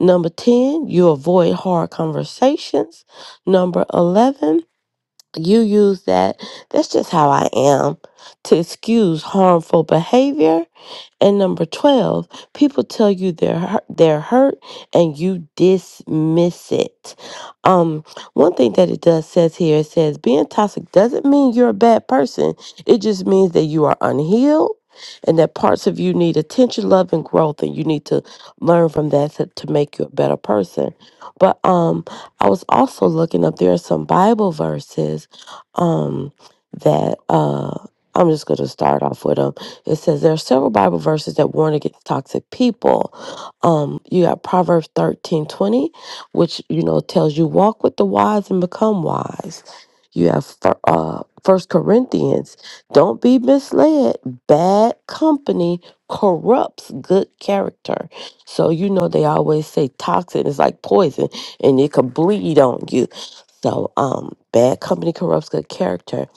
Speaker 1: Number 10, you avoid hard conversations. Number 11, you use that. That's just how I am to excuse harmful behavior. And number 12, people tell you they're hurt, they're hurt and you dismiss it. Um, one thing that it does says here, it says being toxic doesn't mean you're a bad person. It just means that you are unhealed and that parts of you need attention, love, and growth, and you need to learn from that to, to make you a better person. But um, I was also looking up there are some Bible verses um, that uh, I'm just going to start off with them. It says there are several Bible verses that warn against toxic people. Um, you got Proverbs 13:20, which you know tells you walk with the wise and become wise. You have fir- uh, First Corinthians, don't be misled. Bad company corrupts good character. So you know they always say toxic is like poison, and it could bleed on you so, um, bad company corrupts good character.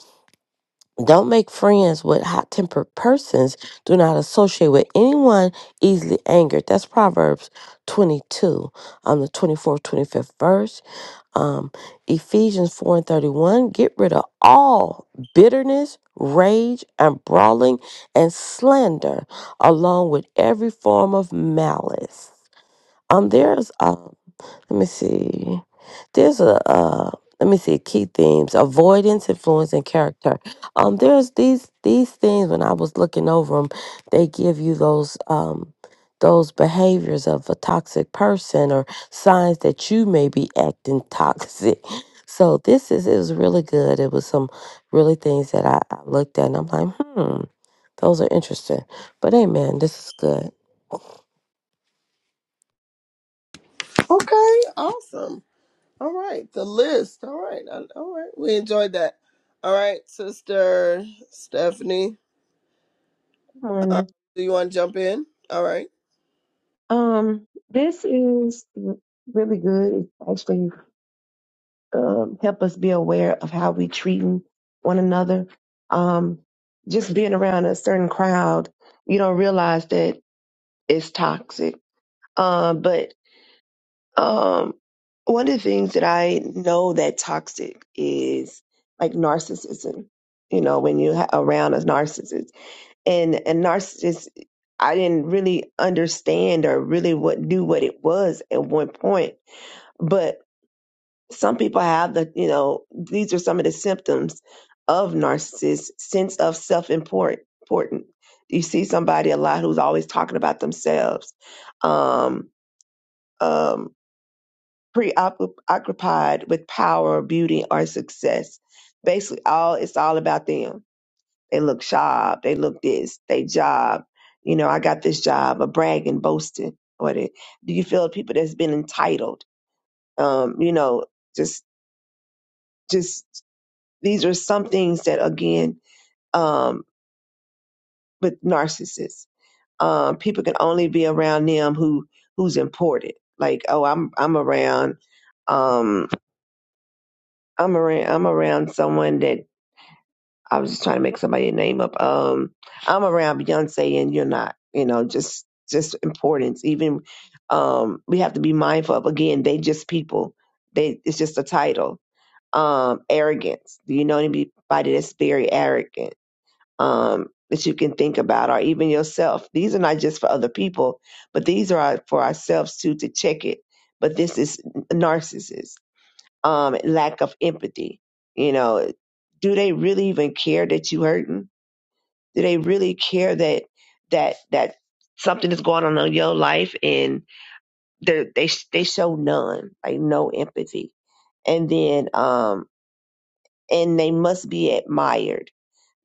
Speaker 1: Don't make friends with hot tempered persons. Do not associate with anyone easily angered. That's Proverbs 22, um, the 24th, 25th verse. Um, Ephesians 4 and 31. Get rid of all bitterness, rage, and brawling and slander, along with every form of malice. Um, there's let me see. There's a uh, let me see key themes: avoidance, influence, and character. Um, there's these these things. When I was looking over them, they give you those um those behaviors of a toxic person or signs that you may be acting toxic. So this is it was really good. It was some really things that I, I looked at and I'm like, hmm, those are interesting. But hey, man, this is good.
Speaker 2: Okay, awesome. All right, the list. All right, I- all right. We enjoyed that. All right, Sister Stephanie,
Speaker 7: Good
Speaker 2: uh,
Speaker 7: morning.
Speaker 2: do you want to jump in? All right.
Speaker 7: Um, this is really good. It actually um, help us be aware of how we treating one another. Um, just being around a certain crowd, you don't realize that it's toxic. Um, but Um, one of the things that I know that toxic is like narcissism. You know, when you ha- around a narcissist, and a narcissist, I didn't really understand or really what knew what it was at one point. But some people have the, you know, these are some of the symptoms of narcissists: sense of self important. You see somebody a lot who's always talking about themselves. Um, um, preoccupied with power, beauty, or success. Basically, all it's all about them. They look sharp. They look this. They job. You know, I got this job. A bragging, boasting. What it, do you feel? People that's been entitled. Um, you know, just just these are some things that again, um, with narcissists, um, people can only be around them who who's important. Like, oh, I'm I'm around, um, I'm around I'm around someone that I was just trying to make somebody name up. Um, I'm around Beyonce and you're not. You know, just just importance. Even um, we have to be mindful of again. They just people. They it's just a title. Um, arrogance. Do you know anybody that's very arrogant? Um, that you can think about, or even yourself. These are not just for other people, but these are our- for ourselves too to check it. But this is narcissist. Um, lack of empathy. You know, do they really even care that you hurting? do they really care that that that something is going on in your life and they they they show none like no empathy and then um and they must be admired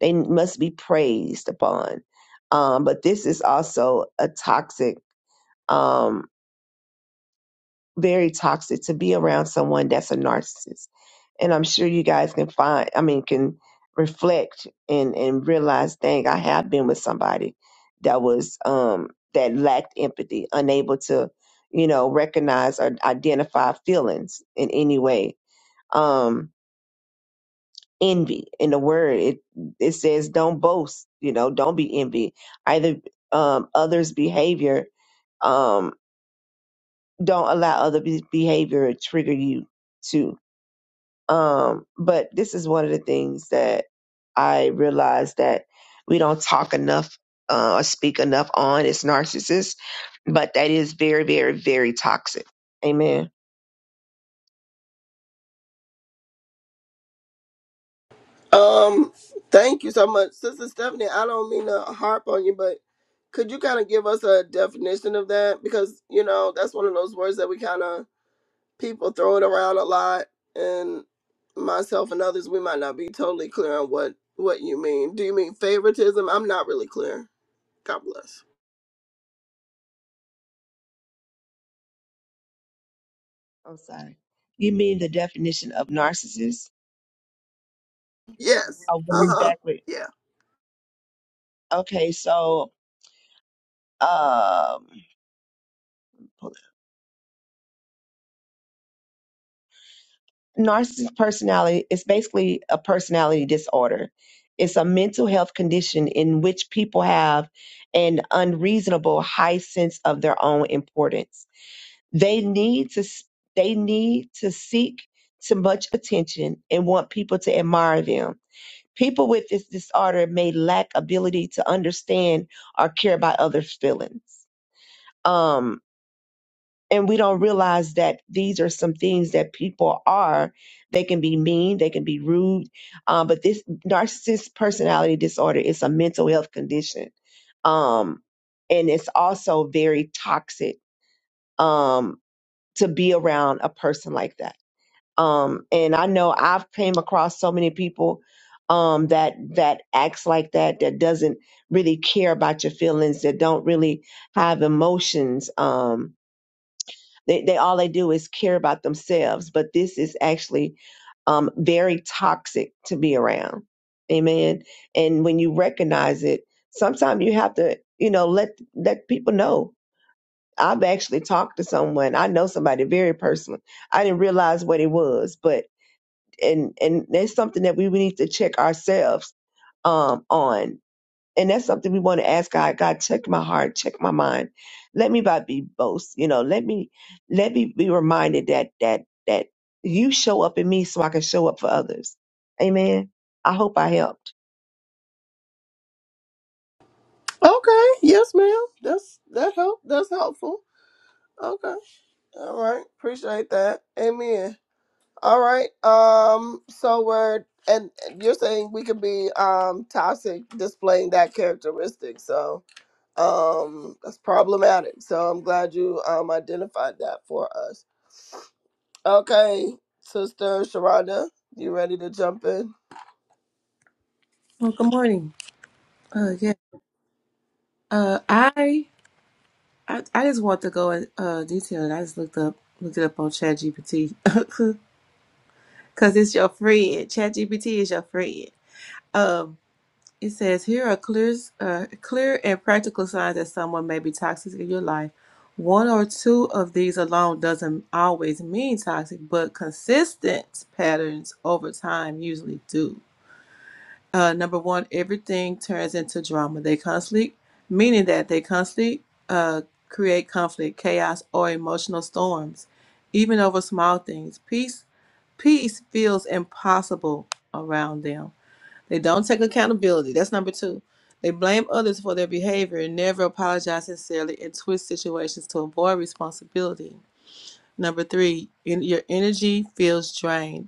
Speaker 7: they must be praised upon um but this is also a toxic um very toxic to be around someone that's a narcissist. And I'm sure you guys can find, I mean, can reflect and, and realize, dang, I have been with somebody that was, um, that lacked empathy, unable to, you know, recognize or identify feelings in any way. Um, envy in the word, it, it says don't boast, you know, don't be envy. Either, um, others behavior, um, don't allow other be- behavior to trigger you too Um, but this is one of the things that I realized that we don't talk enough uh, or speak enough on is narcissists, but that is very, very, very toxic. Amen.
Speaker 2: Um, thank you so much, Sister Stephanie. I don't mean to harp on you, but could you kind of give us a definition of that? Because you know that's one of those words that we kind of people throw it around a lot, and myself and others we might not be totally clear on what what you mean. Do you mean favoritism? I'm not really clear. God bless.
Speaker 7: I'm sorry. You mean the definition of narcissist?
Speaker 2: Yes.
Speaker 7: Oh, what
Speaker 2: Uh huh.
Speaker 7: exactly?
Speaker 2: Yeah.
Speaker 7: Okay, so um, narcissistic personality is basically a personality disorder. It's a mental health condition in which people have an unreasonable high sense of their own importance. They need to they need to seek too much attention and want people to admire them. People with this disorder may lack ability to understand or care about others' feelings. Um, and we don't realize that these are some things that people are they can be mean they can be rude um, but this narcissist personality disorder is a mental health condition um, and it's also very toxic um, to be around a person like that um, and i know i've came across so many people um, that that acts like that that doesn't really care about your feelings that don't really have emotions um, they, they all they do is care about themselves, but this is actually um, very toxic to be around. Amen. And when you recognize it, sometimes you have to, you know, let let people know. I've actually talked to someone. I know somebody very personally. I didn't realize what it was, but and and that's something that we need to check ourselves um on. And that's something we want to ask God. God, check my heart, check my mind. Let me not be boast. You know, let me let me be reminded that that that you show up in me so I can show up for others. Amen. I hope I help.
Speaker 2: Okay. Yes, ma'am. That's that help. That's helpful. Okay. All right. Appreciate that. Amen. All right. Um. So we're and you're saying we could be um toxic, displaying that characteristic. So um, that's problematic. So I'm glad you um identified that for us. Okay, Sister Sharonda, you ready to jump in?
Speaker 4: Well, good morning. Uh, yeah. Uh, I I, I just want to go in uh, detail. I just looked up looked it up on ChatGPT because it's your friend. ChatGPT is your friend. Um, it says here are clear uh, clear and practical signs that someone may be toxic in your life. One or two of these alone doesn't always mean toxic, but consistent patterns over time usually do uh, number one, everything turns into drama. They constantly, meaning that they constantly uh, create conflict, chaos, or emotional storms, even over small things. Peace, peace feels impossible around them. They don't take accountability. That's number two. They blame others for their behavior and never apologize sincerely and twist situations to avoid responsibility. Number three, in, your energy feels drained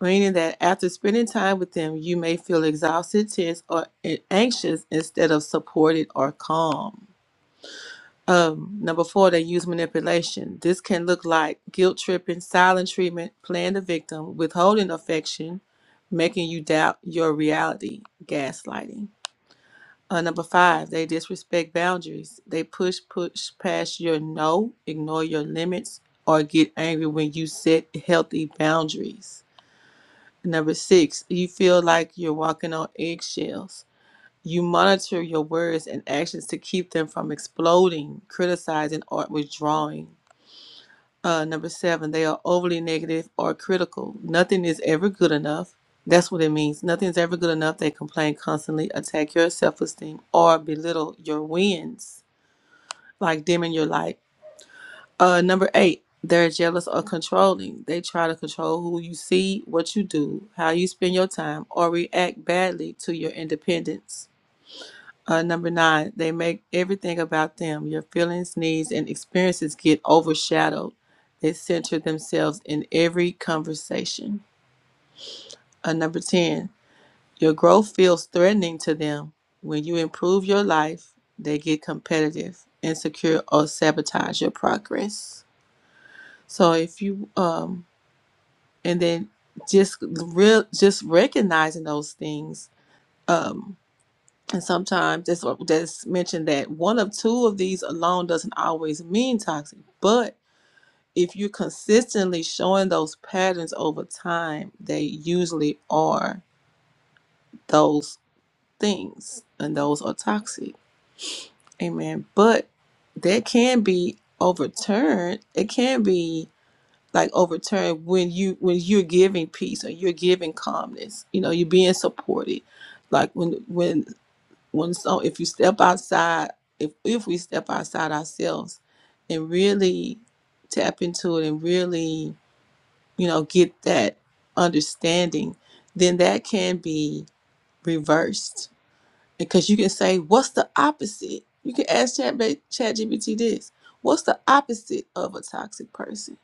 Speaker 4: meaning that after spending time with them, you may feel exhausted, tense, or anxious instead of supported or calm. Um, number four, they use manipulation. This can look like guilt tripping, silent treatment, playing the victim, withholding affection, making you doubt your reality, gaslighting. Uh, number five, they disrespect boundaries. They push, push past your no, ignore your limits, or get angry when you set healthy boundaries. Number six, you feel like you're walking on eggshells. You monitor your words and actions to keep them from exploding, criticizing, or withdrawing. Uh, number seven, they are overly negative or critical. Nothing is ever good enough. That's what it means. Nothing's ever good enough. They complain constantly, attack your self esteem, or belittle your wins, like dimming your light. Uh, number eight, they're jealous or controlling. They try to control who you see, what you do, how you spend your time, or react badly to your independence. Uh, number nine, they make everything about them. Your feelings, needs, and experiences get overshadowed. They center themselves in every conversation. Uh, number 10, your growth feels threatening to them. When you improve your life, they get competitive, insecure, or sabotage your progress. So if you um, and then just real just recognizing those things um and sometimes that's what that's mentioned that one of two of these alone doesn't always mean toxic but if you're consistently showing those patterns over time they usually are those things and those are toxic amen but that can be overturned it can be like overturned when you when you're giving peace or you're giving calmness you know you're being supported like when when when so if you step outside if if we step outside ourselves and really tap into it and really you know get that understanding then that can be reversed because you can say, what's the opposite? You can ask Chat ChatGPT this. What's the opposite of a toxic person?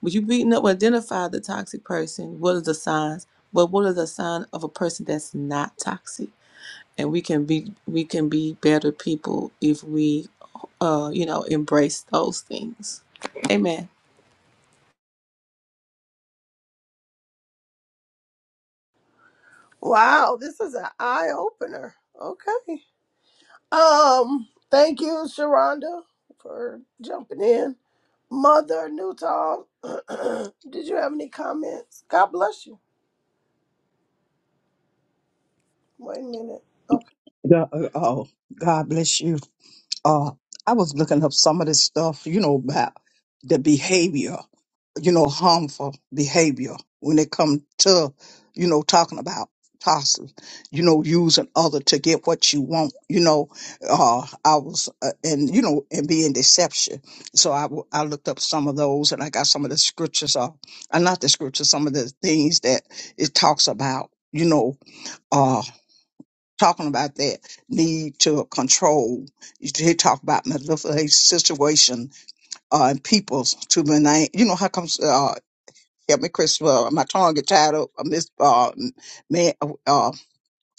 Speaker 4: When you beating up, identify the toxic person. What are the signs? But what are the sign of a person that's not toxic? And we can be we can be better people if we, uh, you know, embrace those things. Amen.
Speaker 2: Wow, this is an eye opener. Okay. Um. Thank you, Sharonda, for jumping in. Mother Newton, did you have any comments? God bless you. Wait a minute. Okay.
Speaker 3: God, oh, God bless you. uh, I was looking up some of this stuff, you know, about the behavior, you know, harmful behavior when it comes to, you know, talking about possibly, you know, using other to get what you want, you know, uh, I was, uh, and, you know, and being deception. So I, w- I looked up some of those and I got some of the scriptures, uh, uh, not the scriptures, some of the things that it talks about, you know, uh, talking about that need to control. he talked about manipulate situation uh, and people to manage. You know how comes uh, help me, Chris. Uh, my tongue get tied up. I miss uh, man. uh,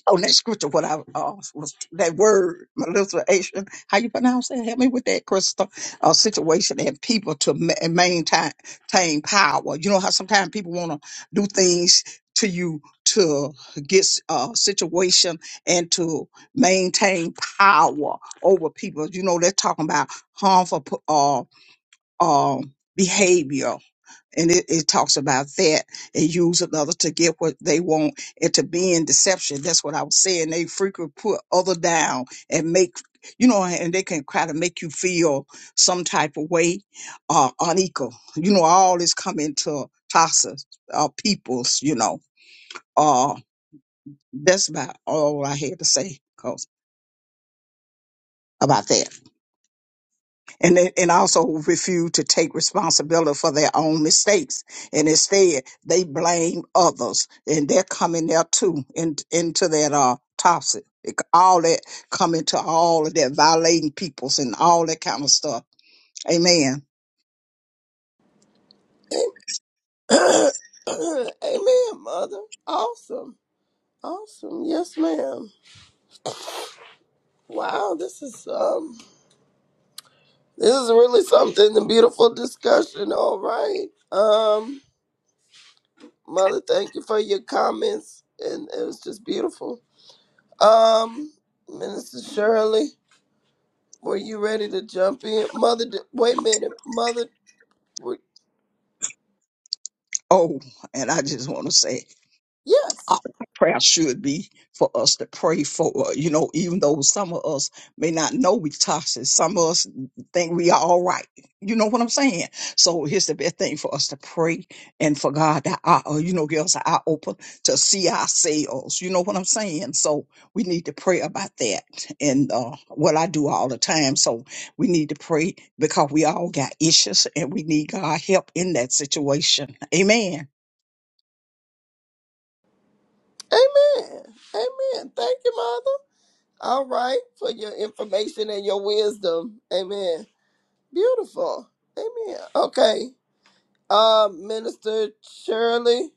Speaker 3: on that scripture, what I uh, was that word molestation. How you pronounce that? Help me with that, Crystal. Uh, situation and people to ma- maintain maintain power. You know how sometimes people want to do things to you to get s- uh, situation and to maintain power over people. You know they're talking about harmful p- uh, uh, behavior and it, it talks about that and use another to get what they want and to be in deception. That's what I was saying. They frequently put other down and make you know, and they can kind of make you feel some type of way, uh, unequal. You know, all this coming to Tasa, uh, peoples. You know, uh, that's about all I had to say 'cause- about that. and they, and also refuse to take responsibility for their own mistakes. And instead, they blame others, and they're coming there too in, into that uh toxic, all that coming to all of that violating peoples and all that kind of stuff. Amen.
Speaker 2: Amen, mother. Awesome. Awesome. Yes, ma'am. Wow, this is um this is really something, a beautiful discussion. All right. Um, mother, thank you for your comments. And it was just beautiful. Um, Minister Shirley, were you ready to jump in? Mother di- wait a minute. Mother were,
Speaker 3: Oh, and I just want to say
Speaker 2: yes.
Speaker 3: our prayer should be for us to pray for, uh, you know, even though some of us may not know we toxic, some of us think we are all right. You know what I'm saying? So here's the best thing for us to pray and for God to, uh, uh, you know, give us an eye open to see ourselves. You know what I'm saying? So we need to pray about that. And uh, what I do all the time. So we need to pray because we all got issues and we need God help in that situation. Amen.
Speaker 2: Amen. Amen. Thank you, mother. All right, for your information and your wisdom. Amen. Beautiful. Amen. Okay. Uh, Minister Shirley.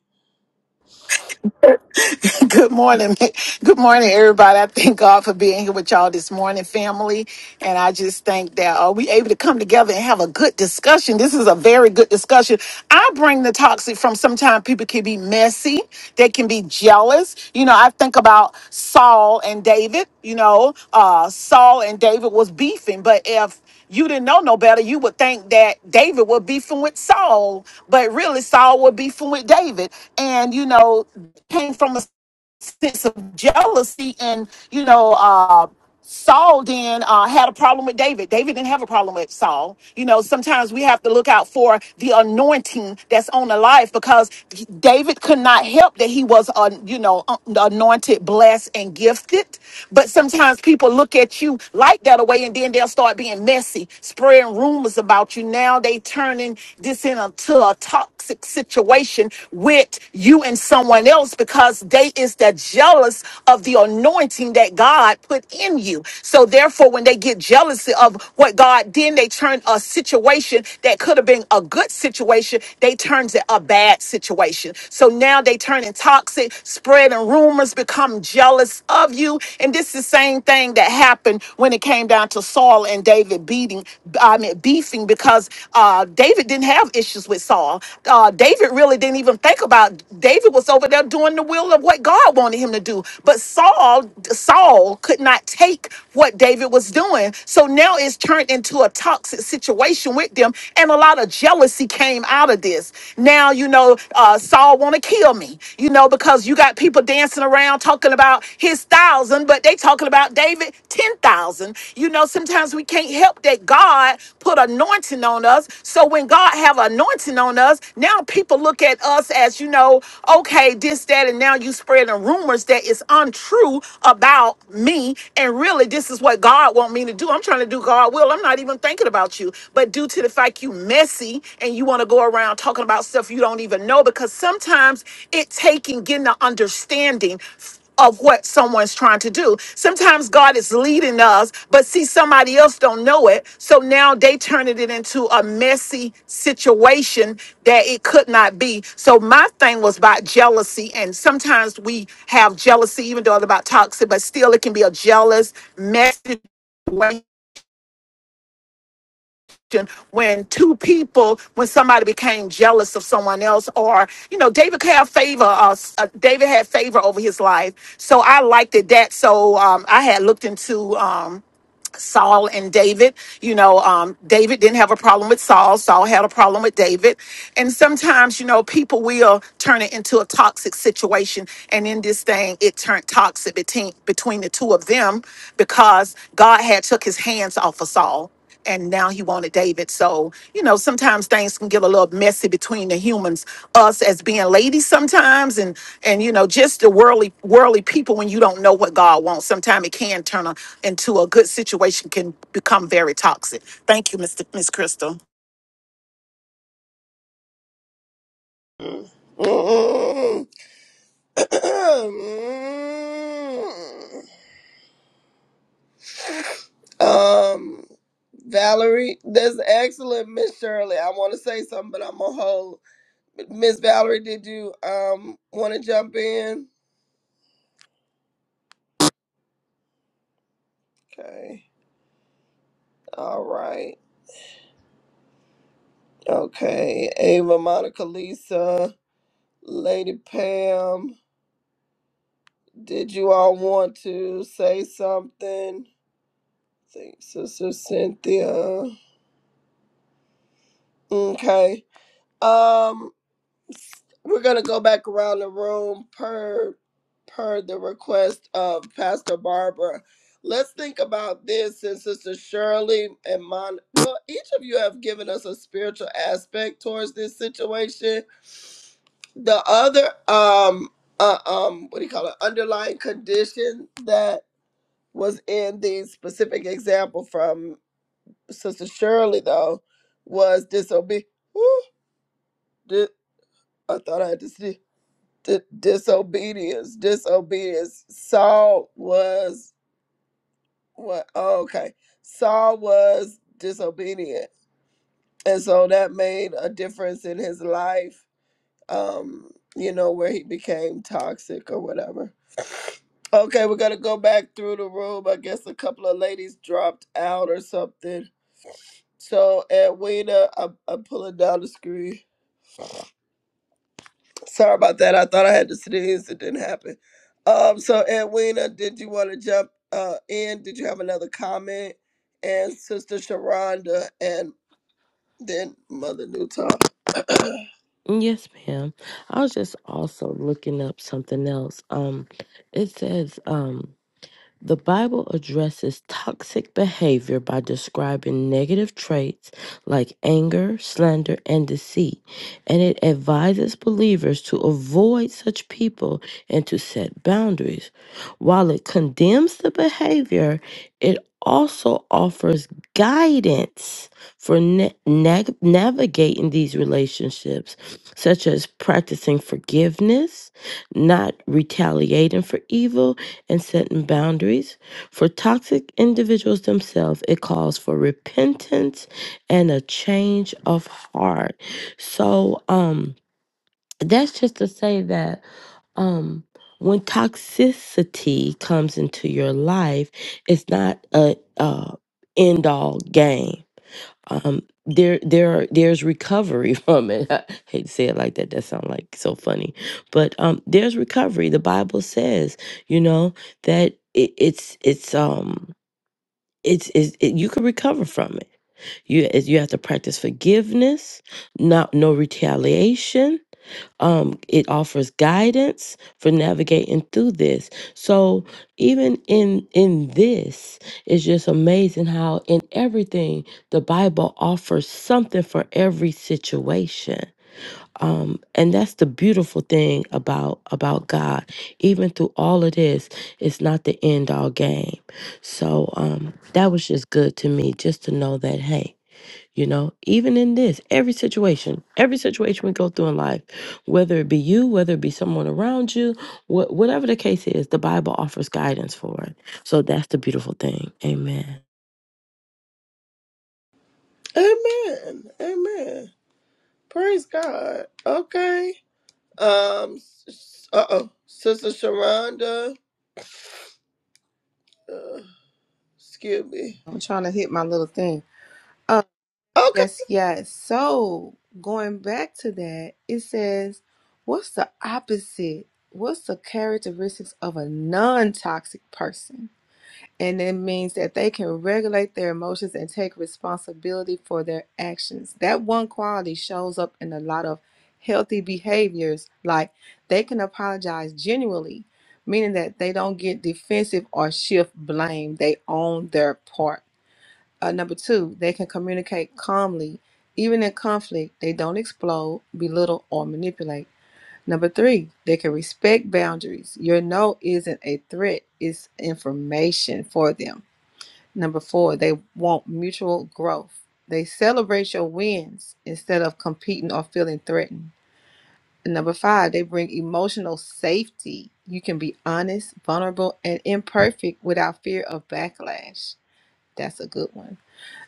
Speaker 8: Good morning. Good morning, everybody. I thank God for being here with y'all this morning, family. And I just think that are we able to come together and have a good discussion? This is a very good discussion. I bring the toxic from sometimes people can be messy, they can be jealous. You know, I think about Saul and David. You know, uh, Saul and David was beefing, but if you didn't know no better, you would think that David would beefing with Saul, but really Saul would beefing with David. And you know, came from a sense of jealousy and you know uh Saul then uh, had a problem with David. David didn't have a problem with Saul. You know, sometimes we have to look out for the anointing that's on the life because David could not help that he was, uh, you know, uh, anointed, blessed, and gifted. But sometimes people look at you like that away and then they'll start being messy, spreading rumors about you. Now they turning this in into a toxic situation with you and someone else because they is that jealous of the anointing that God put in you. So therefore, when they get jealous of what God did, they turn a situation that could have been a good situation, they turns it a bad situation. So now they turning toxic, spreading rumors, become jealous of you. And this is the same thing that happened when it came down down to Saul and David beating, I mean, beefing because uh, David didn't have issues with Saul. Uh, David really didn't even think about. David was over there doing the will of what God wanted him to do, but Saul, Saul could not take what David was doing. So now it's turned into a toxic situation with them, and a lot of jealousy came out of this. Now you know uh, Saul want to kill me, you know, because you got people people dancing around talking about his thousand, but they talking about David 10,000. You know, sometimes we can't help that God put anointing on us. So when God have anointing on us, now people look at us as, you know, okay, this, that, and now you spreading rumors that is untrue about me. And really, this is what God want me to do. I'm trying to do God will. I'm not even thinking about you. But due to the fact you messy and you want to go around talking about stuff you don't even know because sometimes it taking getting the understanding of what someone's trying to do. Sometimes God is leading us, but see somebody else don't know it. So now they turning it into a messy situation that it could not be. So my thing was about jealousy and sometimes we have jealousy even though it's about toxic, but still it can be a jealous messy situation when two people, when somebody became jealous of someone else, or you know, David could have favor. Uh, s- uh, David had favor over his life, so I liked it that. So um, I had looked into. Um, Saul and David, you know, um, David didn't have a problem with Saul. Saul had a problem with David. And sometimes, you know, people will turn it into a toxic situation. And in this thing, it turned toxic between, between the two of them because God had took his hands off of Saul and now he wanted David. So, you know, sometimes things can get a little messy between the humans, us as being ladies sometimes and and you know, just the worldly worldly people when you don't know what God wants. Sometimes it can turn a, into a good situation can become very toxic. Thank you, Mr. Miss Crystal.
Speaker 2: um, Valerie, that's excellent, Miss Shirley. I want to say something, but I'm gonna hold. Miss Valerie, did you um want to jump in? Okay. All right. Okay. Ava, Monica, Lisa, Lady Pam. Did you all want to say something? Thanks, Sister Cynthia. Okay. Um, we're gonna go back around the room per per the request of Pastor Barbara. Let's think about this, and Sister Shirley and Mon. Well, each of you have given us a spiritual aspect towards this situation. The other, um, uh, um, what do you call it? Underlying condition that. was in the specific example from Sister Shirley, though, was disobedience. Di- I thought I had to see di- disobedience. Disobedience. Saul was what? Oh, okay. Saul was disobedient, and so that made a difference in his life. Um, you know where he became toxic or whatever. Okay, we're gonna go back through the room. I guess a couple of ladies dropped out or something. So at Wayna, I'm, I'm pulling down the screen. Sorry about that. I thought I had to sneeze. It didn't happen. Um. So Edwina, did you want to jump uh in? Did you have another comment? And Sister Sharonda, and then Mother Newton.
Speaker 1: Yes, ma'am. I was just also looking up something else. Um, it says, um, the Bible addresses toxic behavior by describing negative traits like anger, slander, and deceit, and it advises believers to avoid such people and to set boundaries. While it condemns the behavior, it also offers guidance for na- nag- navigating these relationships, such as practicing forgiveness, not retaliating for evil, and setting boundaries. For toxic individuals themselves, it calls for repentance and a change of heart. So, um, that's just to say that um when toxicity comes into your life it's not a, a end all game um there there are there's recovery from it i hate to say it like that that sounds like so funny but um there's recovery the bible says you know that it, it's it's um it's, it's it, you can recover from it you you have to practice forgiveness not no retaliation um, it offers guidance for navigating through this so even in in this it's just amazing how in everything the bible offers something for every situation um, and that's the beautiful thing about about god even through all of this it's not the end all game so um, that was just good to me just to know that hey you know, even in this, every situation, every situation we go through in life, whether it be you, whether it be someone around you, wh- whatever the case is, the Bible offers guidance for it. So that's the beautiful thing. Amen.
Speaker 2: Amen. Amen. Praise God. Okay. Um. Uh oh. Sister Sharonda. Uh, excuse me.
Speaker 4: I'm trying to hit my little thing.
Speaker 2: Okay.
Speaker 4: Yes, yes. So going back to that, it says, what's the opposite? What's the characteristics of a non toxic person? And it means that they can regulate their emotions and take responsibility for their actions. That one quality shows up in a lot of healthy behaviors, like they can apologize genuinely, meaning that they don't get defensive or shift blame. They own their part uh, number two, they can communicate calmly. Even in conflict, they don't explode, belittle, or manipulate. Number three, they can respect boundaries. Your no isn't a threat, it's information for them. Number four, they want mutual growth. They celebrate your wins instead of competing or feeling threatened. And number five, they bring emotional safety. You can be honest, vulnerable, and imperfect without fear of backlash. That's a good one.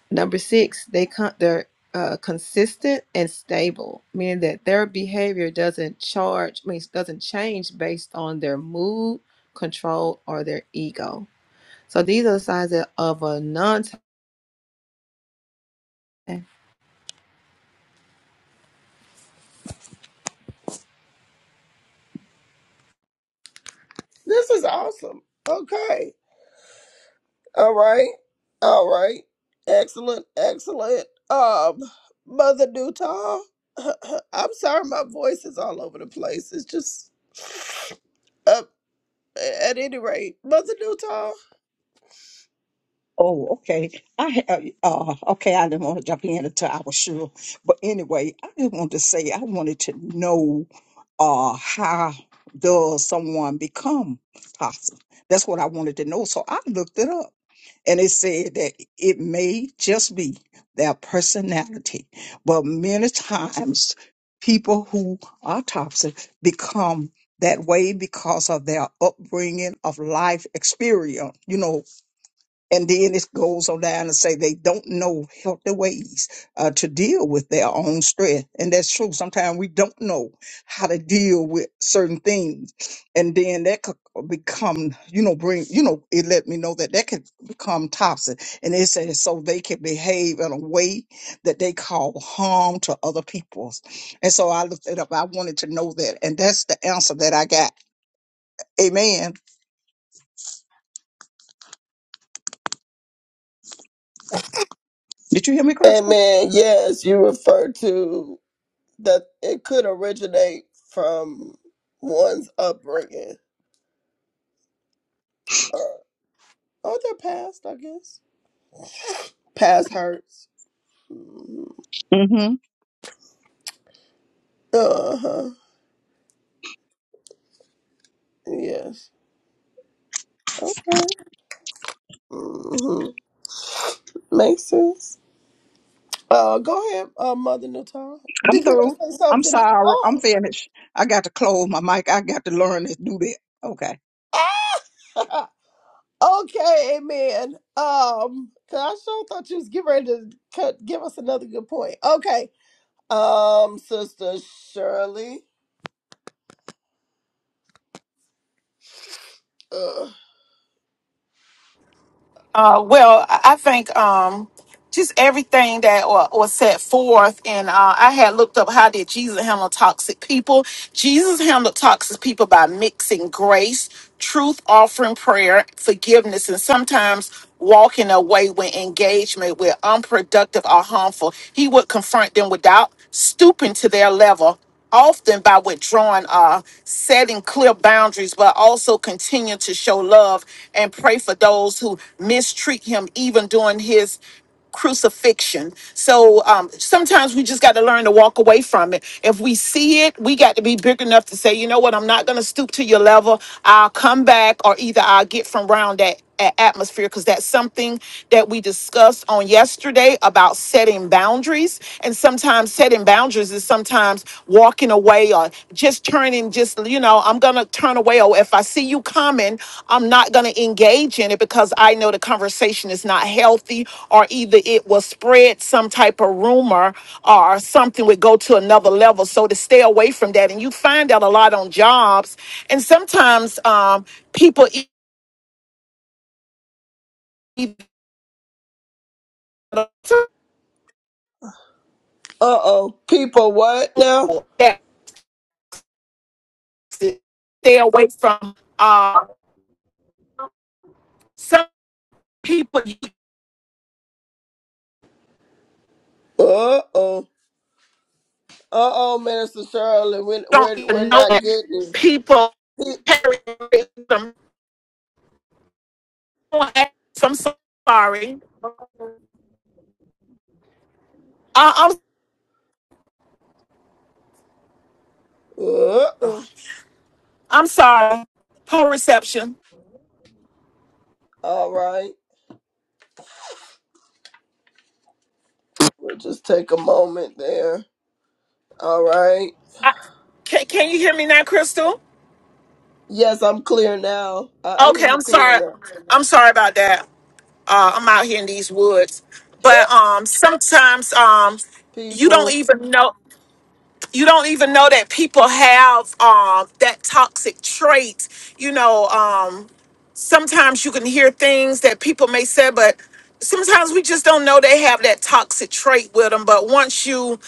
Speaker 4: Number six, they con- they're uh, consistent and stable, meaning that their behavior doesn't charge means doesn't change based on their mood, control, or their ego. So these are the signs that of a non. And
Speaker 2: This is awesome. Okay. All right. All right. Excellent. Excellent. Um, Mother Newtall, I'm sorry my voice is all over the place. It's just up at any rate. Mother Newtall.
Speaker 3: Oh, okay. I ha- uh, uh, okay. I didn't want to jump in until I was sure, but anyway, I just wanted to say I wanted to know, uh, how does someone become apostle? That's what I wanted to know. So I looked it up. And it said that it may just be their personality, but many times people who are toxic become that way because of their upbringing of life experience, you know, and then it goes on down and say they don't know healthy ways uh, to deal with their own stress. And that's true. Sometimes we don't know how to deal with certain things. And then that could become, you know, bring, you know, it let me know that that could become toxic. And it says so they can behave in a way that they call harm to other people's. And so I looked it up. I wanted to know that. And that's the answer that I got. Amen. Did you hear me, Crystal?
Speaker 2: Amen. Yes, you refer to that it could originate from one's upbringing. Uh, or their past, I guess. Past hurts. Uh huh. Yes. Okay. hmm Makes sense. Uh, go ahead, uh, Mother Natal.
Speaker 3: I'm
Speaker 2: Did you want to
Speaker 3: through.
Speaker 2: say
Speaker 3: I'm
Speaker 2: something?
Speaker 3: sorry. I'm
Speaker 2: Oh,
Speaker 3: finished. I got to close my mic. I got to learn to do that. Okay.
Speaker 2: ah, okay, amen. Um, cause I sure thought you was getting ready to cut, give us another good point. Okay, um, Sister Shirley. Uh
Speaker 8: Uh, well, I I think um, just everything that wa- was set forth, and uh, I had looked up how did Jesus handle toxic people. Jesus handled toxic people by mixing grace, truth, offering prayer, forgiveness, and sometimes walking away when engagement with unproductive or harmful. He would confront them without stooping to their level often by withdrawing uh setting clear boundaries but also continue to show love and pray for those who mistreat him even during his crucifixion so um sometimes we just got to learn to walk away from it if we see it we got to be big enough to say you know what i'm not going to stoop to your level i'll come back or either i'll get from round that a- atmosphere because that's something that we discussed on yesterday about setting boundaries and sometimes setting boundaries is sometimes walking away or just turning just you know i'm gonna turn away or if i see you coming i'm not gonna engage in it because i know the conversation is not healthy or either it will spread some type of rumor or something would go to another level so to stay away from that and you find out a lot on jobs and sometimes um, people e-
Speaker 2: oh, people, what now?
Speaker 8: that stay away from uh some people you
Speaker 2: Uh oh, uh oh, Minister Shirley, we
Speaker 8: don't
Speaker 2: we're
Speaker 8: even
Speaker 2: we're
Speaker 8: know
Speaker 2: not
Speaker 8: that
Speaker 2: getting.
Speaker 8: people carry them. I'm so sorry. I, I'm
Speaker 2: Uh oh,
Speaker 8: I'm sorry. Poor reception.
Speaker 2: all right. We'll just take a moment there. All right.
Speaker 8: I, can Can you hear me now, Crystal?
Speaker 2: Yes, I'm clear now. I, I hear
Speaker 8: Okay,
Speaker 2: you
Speaker 8: I'm
Speaker 2: clear
Speaker 8: sorry.
Speaker 2: now.
Speaker 8: I'm sorry about that. Uh, I'm out here in these woods, but um, sometimes um, you don't
Speaker 2: People.
Speaker 8: even know. you don't even know that people have um, that toxic trait. You know, um, sometimes you can hear things that people may say, but sometimes we just don't know they have that toxic trait with them. But once you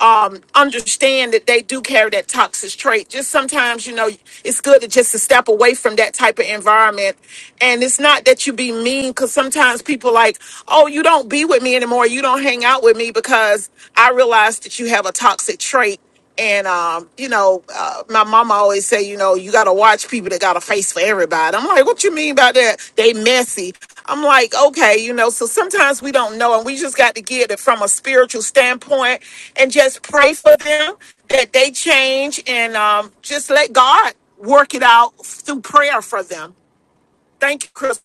Speaker 8: um, understand that they do carry that toxic trait, just sometimes you know it's good to just to step away from that type of environment. And it's not that you be mean, because sometimes people like, oh, you don't be with me anymore, you don't hang out with me because I realize that you have a toxic trait and um, you know, uh, my mama always say, you know, you gotta watch people that got a face for everybody. I'm like, what you mean by that? They messy. I'm like, okay, you know. So sometimes we don't know, and we just got to get it from a spiritual standpoint and just pray for them that they change and um, just let God work it out through prayer for them. Thank you, Chris.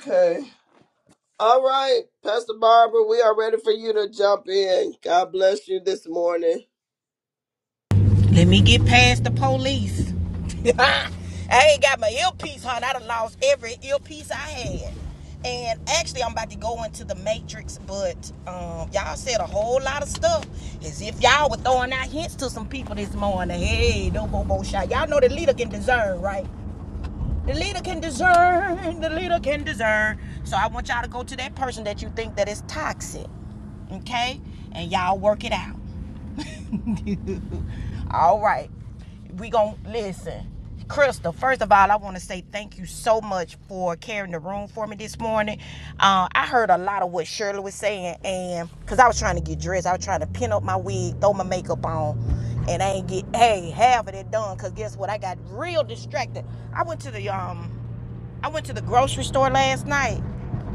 Speaker 2: Okay. All right, Pastor Barbara, we are ready for you to jump in. God bless you this morning.
Speaker 6: Let me get past the police. I ain't got my earpiece, hon. I done lost every earpiece I had. And actually, I'm about to go into the Matrix, but um, y'all said a whole lot of stuff as if y'all were throwing out hints to some people this morning. Hey, no bobo shot. Y'all know the leader can discern, right? The leader can discern. The leader can discern. So I want y'all to go to that person that you think that is toxic, okay? And y'all work it out. all right. We gonna listen. Crystal, first of all, I want to say thank you so much for carrying the room for me this morning. Uh, I heard a lot of what Shirley was saying, and because I was trying to get dressed, I was trying to pin up my wig, throw my makeup on, and I ain't get hey half of it done. Cause guess what? I got real distracted. I went to the um I went to the grocery store last night,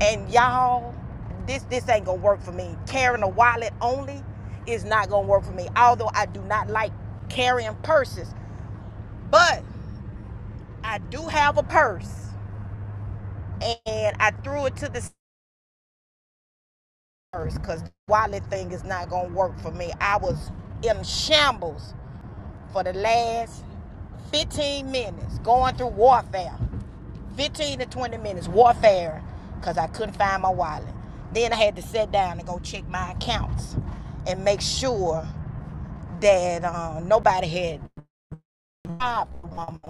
Speaker 6: and y'all, this this ain't gonna work for me. Carrying a wallet only is not gonna work for me. Although I do not like carrying purses, but I do have a purse, and I threw it to the purse because the wallet thing is not gonna work for me. I was in shambles for the last 15 minutes going through warfare. 15 to 20 minutes warfare because I couldn't find my wallet. Then I had to sit down and go check my accounts and make sure that uh, nobody had robbed the woman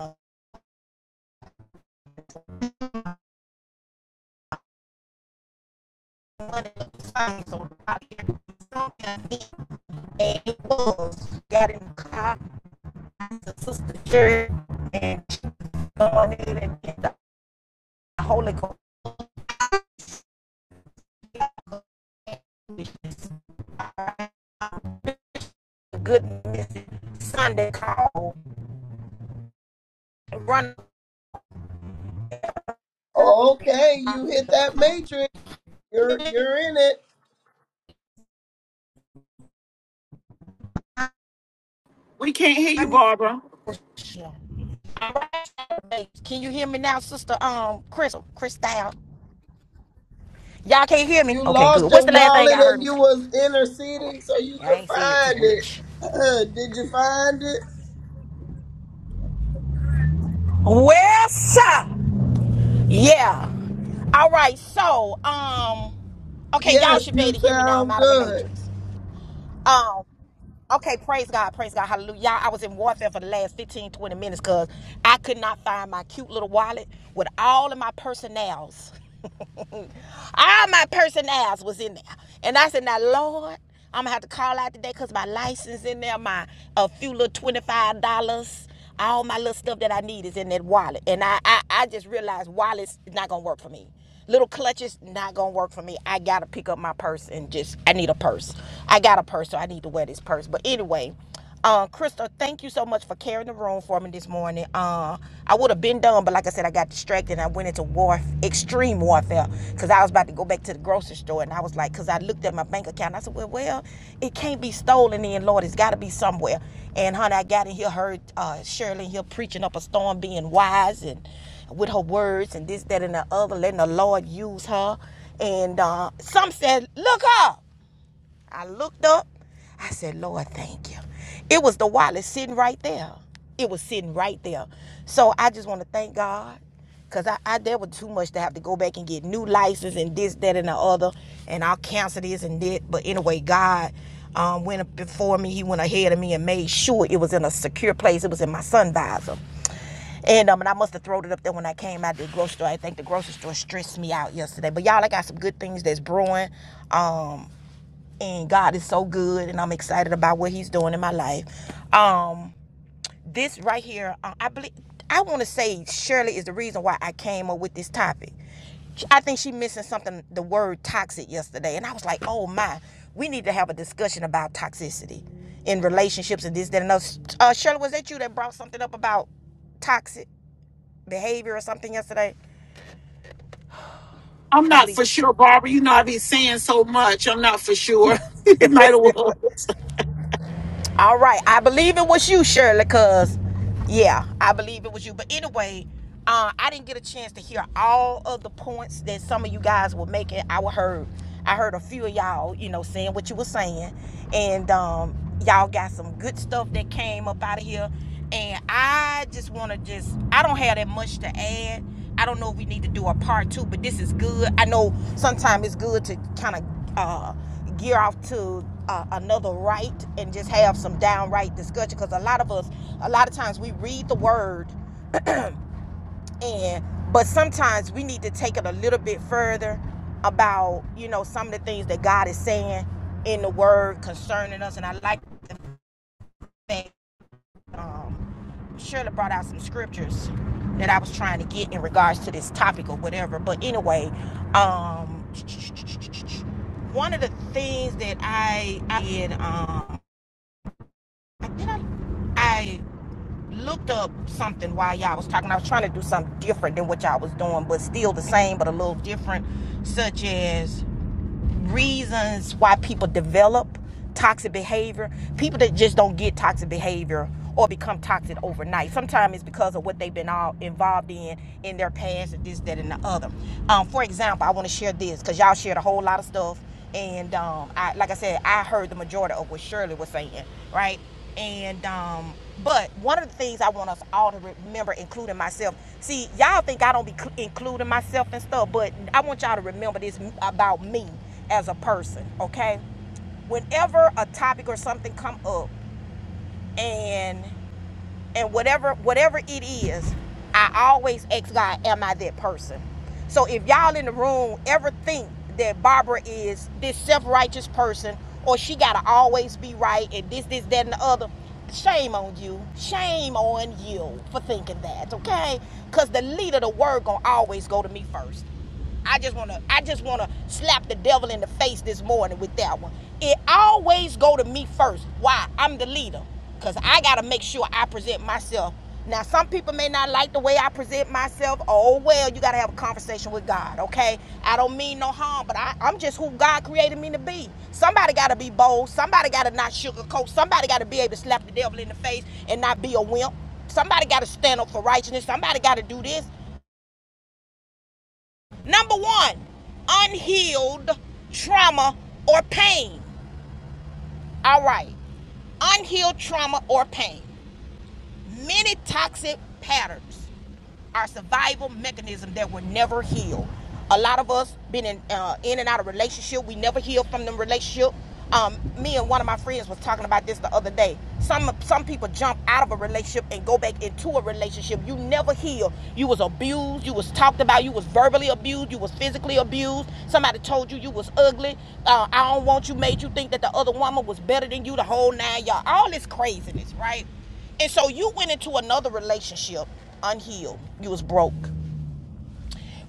Speaker 6: So nobody it was got in the car, the sister church, and she was going in and get the Holy Ghost the good message Sunday call run.
Speaker 2: Okay, you hit that matrix. You're you're in it.
Speaker 8: We can't hear you, Barbara.
Speaker 6: Hey, Can you hear me now, sister? Um, Crystal, Crystal. Y'all can't hear me?
Speaker 2: You
Speaker 6: Okay, good.
Speaker 2: lost
Speaker 6: What's
Speaker 2: your
Speaker 6: the last thing
Speaker 2: wallet
Speaker 6: y'all heard
Speaker 2: and
Speaker 6: me
Speaker 2: you
Speaker 6: say?
Speaker 2: was interceding so you
Speaker 6: Y'all
Speaker 2: could
Speaker 6: ain't say it too
Speaker 2: find it.
Speaker 6: much.
Speaker 2: Uh, Did you find it?
Speaker 6: Well, sir. Yeah. All right. So, um, okay, y'all
Speaker 2: Yes,
Speaker 6: should be
Speaker 2: you
Speaker 6: able to hear me now. I'm
Speaker 2: sound
Speaker 6: out of the
Speaker 2: good.
Speaker 6: matrix. Um, okay, praise God, praise God, hallelujah. Y'all, I was in warfare for the last 15, 20 minutes because I could not find my cute little wallet with all of my personnels All my personals was in there. And I said, now, Lord, I'm going to have to call out today because my license in there, my a few little $25, all my little stuff that I need is in that wallet. And I, I, I just realized wallets is not going to work for me. Little clutches not gonna work for me. I gotta pick up my purse and just I need a purse. I got a purse, so I need to wear this purse. But anyway, uh, Krista, thank you so much for carrying the room for me this morning. Uh, I would have been done, but like I said, I got distracted and I went into war, extreme warfare, because I was about to go back to the grocery store and I was like, because I looked at my bank account, and I said, well, well, it can't be stolen in, Lord, it's got to be somewhere. And honey, I got in here, heard uh, Shirley in here preaching up a storm, being wise and with her words and this, that, and the other, letting the Lord use her. And uh, some said, look up. I looked up. I said, Lord, thank you. It was the wallet sitting right there. It was sitting right there. So I just want to thank God. Cause I, I there was too much to have to go back and get new license and this, that, and the other, and I'll cancel this and that. But anyway, God um, went before me. He went ahead of me and made sure it was in a secure place. It was in my sun visor. And um, and I must have thrown it up there when I came out of the grocery store. I think the grocery store stressed me out yesterday. But y'all, I got some good things that's brewing. Um, and God is so good, and I'm excited about what He's doing in my life. Um, this right here, uh, I believe, I want to say Shirley is the reason why I came up with this topic. I think she mentioned something, the word toxic yesterday, and I was like, oh my, we need to have a discussion about toxicity in relationships and this, that, and those. Uh, Shirley, was that you that brought something up about toxic behavior or something yesterday?
Speaker 8: I'm not for sure, Barbara. You know, i be saying so much. I'm not for sure. it might have.
Speaker 6: All right. I believe it was you, Shirley, because, yeah, I believe it was you. But anyway, uh, I didn't get a chance to hear all of the points that some of you guys were making. I heard, I heard a few of y'all, you know, saying what you were saying. And um, y'all got some good stuff that came up out of here. And I just want to just, I don't have that much to add. I don't know if we need to do a part two, but this is good. I know sometimes it's good to kind of uh, gear off to uh, another right and just have some downright discussion because a lot of us a lot of times we read the word and but sometimes we need to take it a little bit further about you know some of the things that god is saying in the word concerning us and i like the fact um, Shirley brought out some scriptures that I was trying to get in regards to this topic or whatever. But anyway, um, one of the things that I, I did. Um, I think I, I looked up something while y'all was talking. I was trying to do something different than what y'all was doing, but still the same, but a little different, such as reasons why people develop toxic behavior. People that just don't get toxic behavior or become toxic overnight. Sometimes it's because of what they've been all involved in in their past, and this, that, and the other. Um, for example, I want to share this because y'all shared a whole lot of stuff, and um, I, like I said, I heard the majority of what Shirley was saying, right? And um, but one of the things I want us all to remember, including myself. See, y'all think I don't be cl- including myself and stuff, but I want y'all to remember this about me as a person, okay? Whenever a topic or something come up and and whatever whatever it is, I always ask God, am I that person? So if y'all in the room ever think that Barbara is this self-righteous person or she gotta always be right and this, this, that, and the other, shame on you. Shame on you for thinking that, okay? Cause the lead of the word gonna always go to me first. I just wanna I just wanna slap the devil in the face this morning with that one. It always go to me first. Why? I'm the leader. Cause I gotta make sure I present myself. Now some people may not like the way I present myself. Oh well, you gotta have a conversation with God, okay? I don't mean no harm, but I, I'm just who God created me to be. Somebody gotta be bold, somebody gotta not sugarcoat, somebody gotta be able to slap the devil in the face and not be a wimp. Somebody gotta stand up for righteousness, somebody gotta do this. Number one, unhealed trauma or pain. All right, unhealed trauma or pain. Many toxic patterns our survival mechanism that were never healed. A lot of us been in uh, in and out of relationship. We never healed from them relationship. Um, me and one of my friends was talking about this the other day. Some some people jump out of a relationship and go back into a relationship. You never heal. You was abused. You was talked about. You was verbally abused. You was physically abused. Somebody told you you was ugly. Uh, I don't want you. Made you think that the other woman was better than you. The whole nine y'all. All this craziness, right? And so you went into another relationship unhealed. You was broke,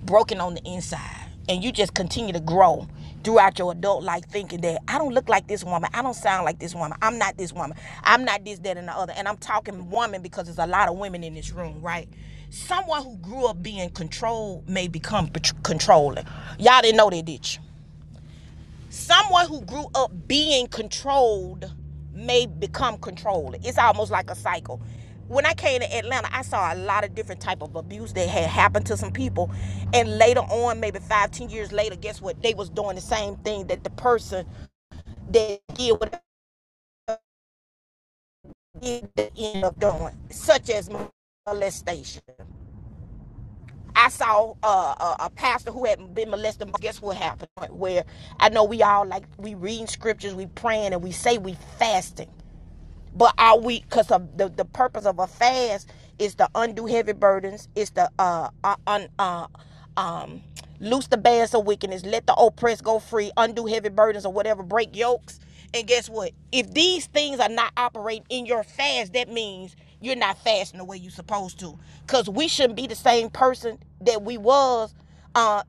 Speaker 6: broken on the inside. And you just continue to grow throughout your adult life thinking that I don't look like this woman. I don't sound like this woman. I'm not this woman. I'm not this, that, and the other. And I'm talking woman because there's a lot of women in this room, right? Someone who grew up being controlled may become controlling. Y'all didn't know that, did you? someone who grew up being controlled may become controlled it's almost like a cycle when i came to atlanta i saw a lot of different type of abuse that had happened to some people and later on maybe five ten years later guess what they was doing the same thing that the person that did what they did they ended up doing such as molestation I saw uh, a, a pastor who had been molested. Guess what happened? Where I know we all like we reading scriptures, we praying, and we say we fasting. But are we? Because of the the purpose of a fast is to undo heavy burdens. Is to uh, uh, un, uh um loose the bands of wickedness. Let the oppressed go free. Undo heavy burdens or whatever. Break yokes. And guess what? If these things are not operating in your fast, that means you're not fasting the way you're supposed to. Cause we shouldn't be the same person that we was uh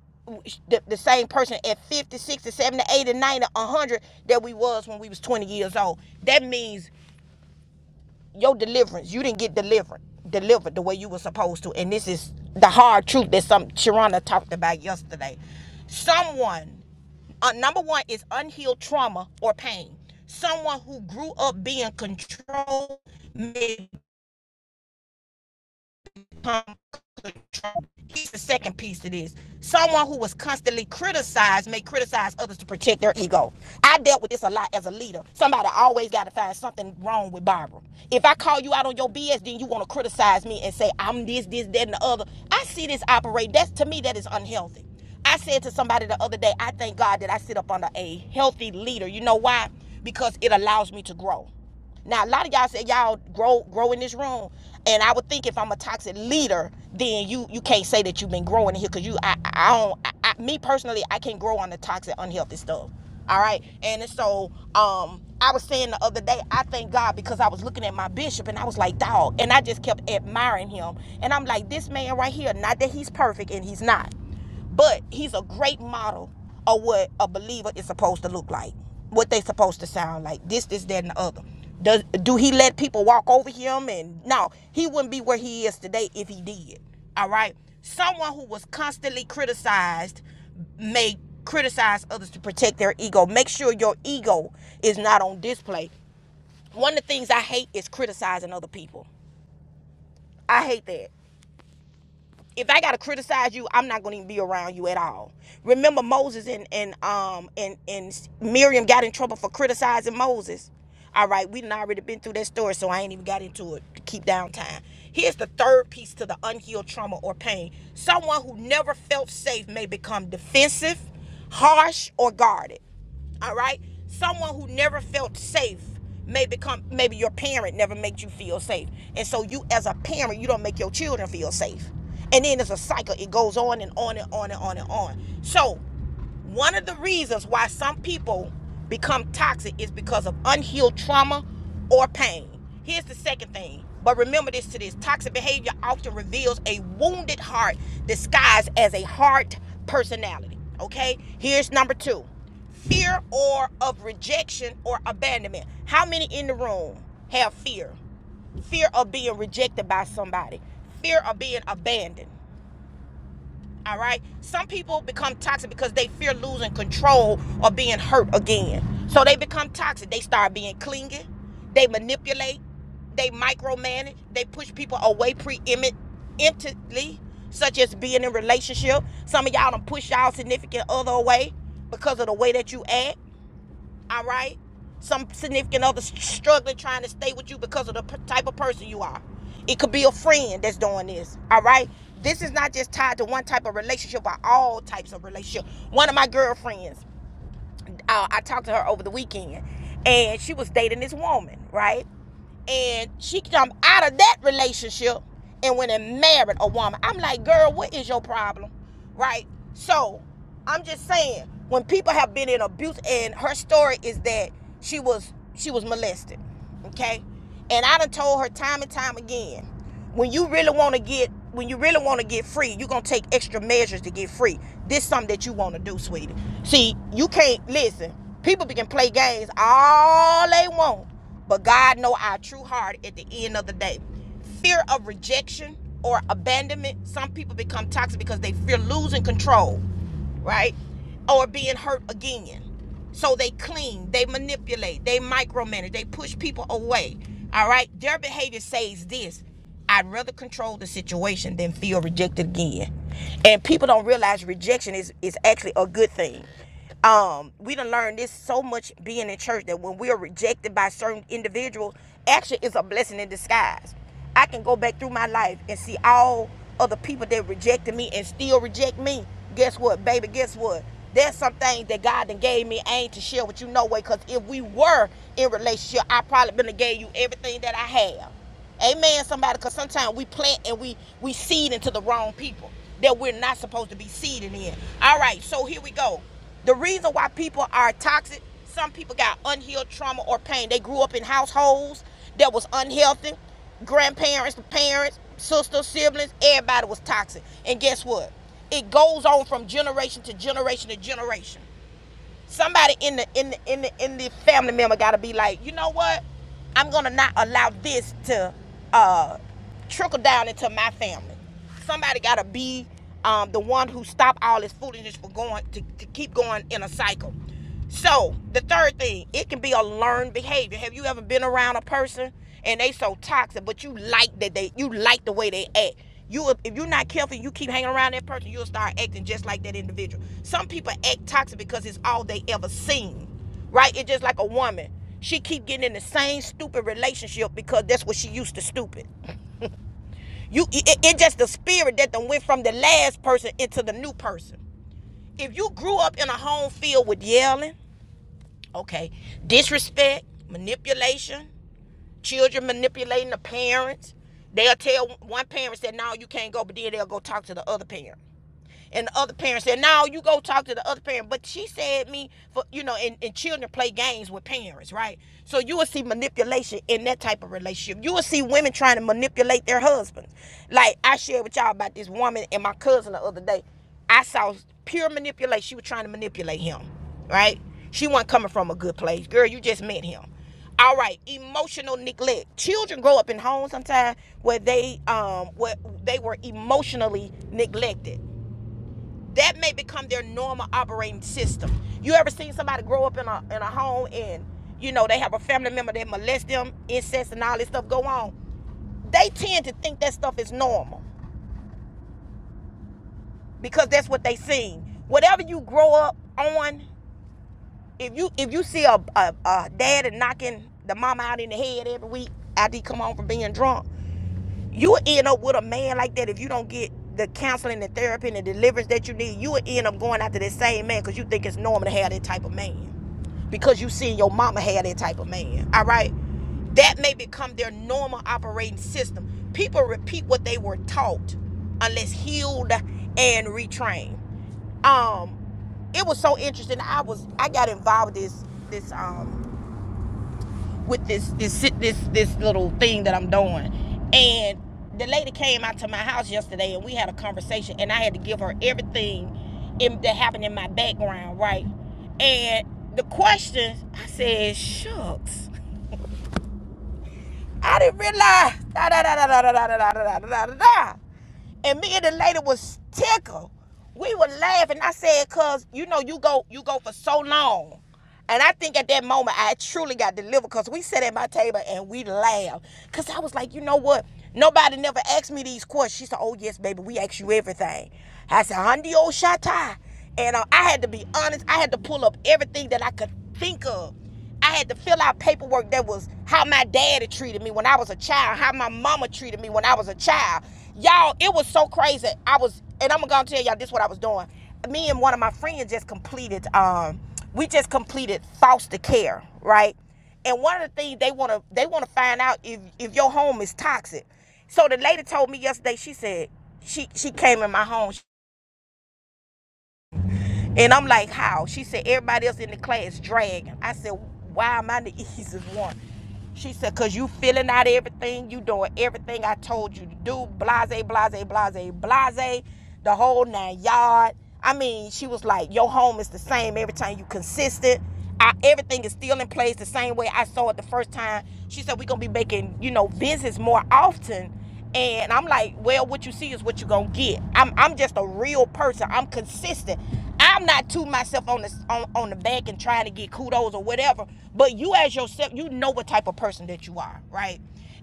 Speaker 6: the, the same person at 50 60 70 80 90 100 that we was when we was 20 years old that means your deliverance. You didn't get delivered, delivered the way you were supposed to. And this is the hard truth that some Sharana talked about yesterday. Someone, uh, number one, is unhealed trauma or pain. Someone who grew up being controlled, manipulated, Here's the second piece to this. Someone who was constantly criticized may criticize others to protect their ego. I dealt with this a lot as a leader. Somebody always got to find something wrong with Barbara. If I call you out on your BS, then you want to criticize me and say I'm this, this, that, and the other. I see this operate. That's to me that is unhealthy. I said to somebody the other day, I thank God that I sit up under a healthy leader. You know why? Because it allows me to grow. Now a lot of y'all say y'all grow grow in this room, and I would think if I'm a toxic leader, then you you can't say that you've been growing here because you I I don't I, I, me personally I can not grow on the toxic unhealthy stuff. All right, and so um I was saying the other day I thank God because I was looking at my bishop and I was like dog, and I just kept admiring him, and I'm like this man right here, not that he's perfect and he's not. But he's a great model of what a believer is supposed to look like, what they supposed to sound like. This, this, that, and the other. Does do he let people walk over him? And no, he wouldn't be where he is today if he did. All right. Someone who was constantly criticized may criticize others to protect their ego. Make sure your ego is not on display. One of the things I hate is criticizing other people. I hate that if I gotta criticize you, I'm not gonna even be around you at all. Remember Moses and and um and and Miriam got in trouble for criticizing Moses. All right, we done already been through that story, so I ain't even got into it to keep down time. Here's the third piece to the unhealed trauma or pain. Someone who never felt safe may become defensive, harsh, or guarded all right someone who never felt safe may become maybe your parent never made you feel safe and so you as a parent you don't make your children feel safe and then it's a cycle it goes on and on and on and on and on so one of the reasons why some people become toxic is because of unhealed trauma or pain. Here's the second thing. But remember this to this toxic behavior often reveals a wounded heart disguised as a hard personality. Okay? Here's number two fear or of rejection or abandonment. How many in the room have fear? Fear of being rejected by somebody, fear of being abandoned. All right. Some people become toxic because they fear losing control or being hurt again. So they become toxic. They start being clingy. They manipulate. They micromanage. They push people away preemptively, such as being in a relationship. Some of y'all don't push y'all significant other away because of the way that you act all right? Some significant other struggling trying to stay with you because of the p- type of person you are. It could be a friend that's doing this, all right? This is not just tied to one type of relationship, but all types of relationship. One of my girlfriends, uh, I talked to her over the weekend, and she was dating this woman, right? and she come out of that relationship and went and married a woman. I'm like, girl, what is your problem? Right? So I'm just saying, when people have been in abuse and her story is that she was she was molested. Okay? And I done told her time and time again, when you really wanna get when you really wanna get free, you're gonna take extra measures to get free. This is something that you wanna do, sweetie. See, you can't listen, people can play games all they want. But God know our true heart at the end of the day. Fear of rejection or abandonment. Some people become toxic because they fear losing control, right? Or being hurt again. So they cling, they manipulate, they micromanage, they push people away. All right. Their behavior says this. I'd rather control the situation than feel rejected again. And people don't realize rejection is is actually a good thing. Um, we done learned this so much being in church that when we are rejected by certain individuals, actually it's a blessing in disguise. I can go back through my life and see all other people that rejected me and still reject me. Guess what, baby? Guess what? There's some things that God done gave me I ain't to share with you no way. Cause if we were in relationship, I probably been to gave you everything that I have. Amen, somebody, because sometimes we plant and we we seed into the wrong people that we're not supposed to be seeding in. All right, so here we go. The reason why people are toxic, some people got unhealed trauma or pain. They grew up in households that was unhealthy. Grandparents, parents, sisters, siblings, everybody was toxic. And guess what? It goes on from generation to generation to generation. Somebody in the in the in the in the family member gotta be like, you know what? I'm gonna not allow this to uh trickle down into my family. Somebody gotta be um, the one who stop all this foolishness for going to, to keep going in a cycle. So the third thing, it can be a learned behavior. Have you ever been around a person and they so toxic, but you like that they you like the way they act. You if you're not careful, you keep hanging around that person, you'll start acting just like that individual. Some people act toxic because it's all they ever seen. Right? It's just like a woman. She keep getting in the same stupid relationship because that's what she used to stupid. You it, it just the spirit that done went from the last person into the new person. If you grew up in a home filled with yelling, Okay. Disrespect, manipulation, children manipulating the parents. They'll tell one parent that no, you can't go, but then they'll go talk to the other parent and the other parent said, "No, you go talk to the other parent." But she said me for you know, and, and children play games with parents, right? So you will see manipulation in that type of relationship. You will see women trying to manipulate their husbands. Like I shared with y'all about this woman and my cousin the other day. I saw pure manipulation. She was trying to manipulate him, right? She wasn't coming from a good place. Girl, you just met him. All right, emotional neglect. Children grow up in homes sometimes where they um where they were emotionally neglected that may become their normal operating system. You ever seen somebody grow up in a in a home and you know they have a family member that molest them, incest, and all this stuff go on? They tend to think that stuff is normal because that's what they seen. Whatever you grow up on, if you if you see a a, a dad and knocking the mama out in the head every week after he come home from being drunk, you will end up with a man like that if you don't get the counseling and therapy and the deliverance that you need. You will end up going after that same man because you think it's normal to have that type of man because you seen your mama have that type of man. All right, that may become their normal operating system. People repeat what they were taught unless healed and retrained. Um, it was so interesting. I was I got involved with this this um with this this this this little thing that I'm doing. And the lady came out to my house yesterday and we had a conversation and I had to give her everything in, that happened in my background, right? And the questions, I said, shucks. I didn't realize. Da, da, da, da, da, da, da, da, da, da, da, And me and the lady was tickled. We were laughing. I said, cause you know, you go you go for so long. And I think at that moment I truly got delivered because we sat at my table and we laughed. Cause I was like, you know what? Nobody never asked me these questions. She said, Oh yes, baby, we ask you everything. I said, Hundi old shot And uh, I had to be honest, I had to pull up everything that I could think of I had to fill out paperwork that was how my daddy treated me when I was a child, how my mama treated me when I was a child. Y'all, it was so crazy. I was, and I'm gonna tell y'all this what I was doing. Me and one of my friends just completed, um, we just completed foster care, right? And one of the things they wanna they wanna find out if if your home is toxic. So the lady told me yesterday, she said, she she came in my home and I'm like, how? She said, everybody else in the class dragging. I said, why am I the easiest one? She said, cause you filling out everything, you doing everything I told you to do, blase, blase, blase, blase, the whole nine yard. I mean, she was like, your home is the same every time you consistent. I, everything is still in place the same way I saw it the first time. She said, we're gonna be making, you know, visits more often. And I'm like, well, what you see is what you're gonna get. I'm I'm just a real person. I'm consistent. I'm not to myself on the on, on the back and trying to get kudos or whatever, but you as yourself, you know what type of person that you are, right?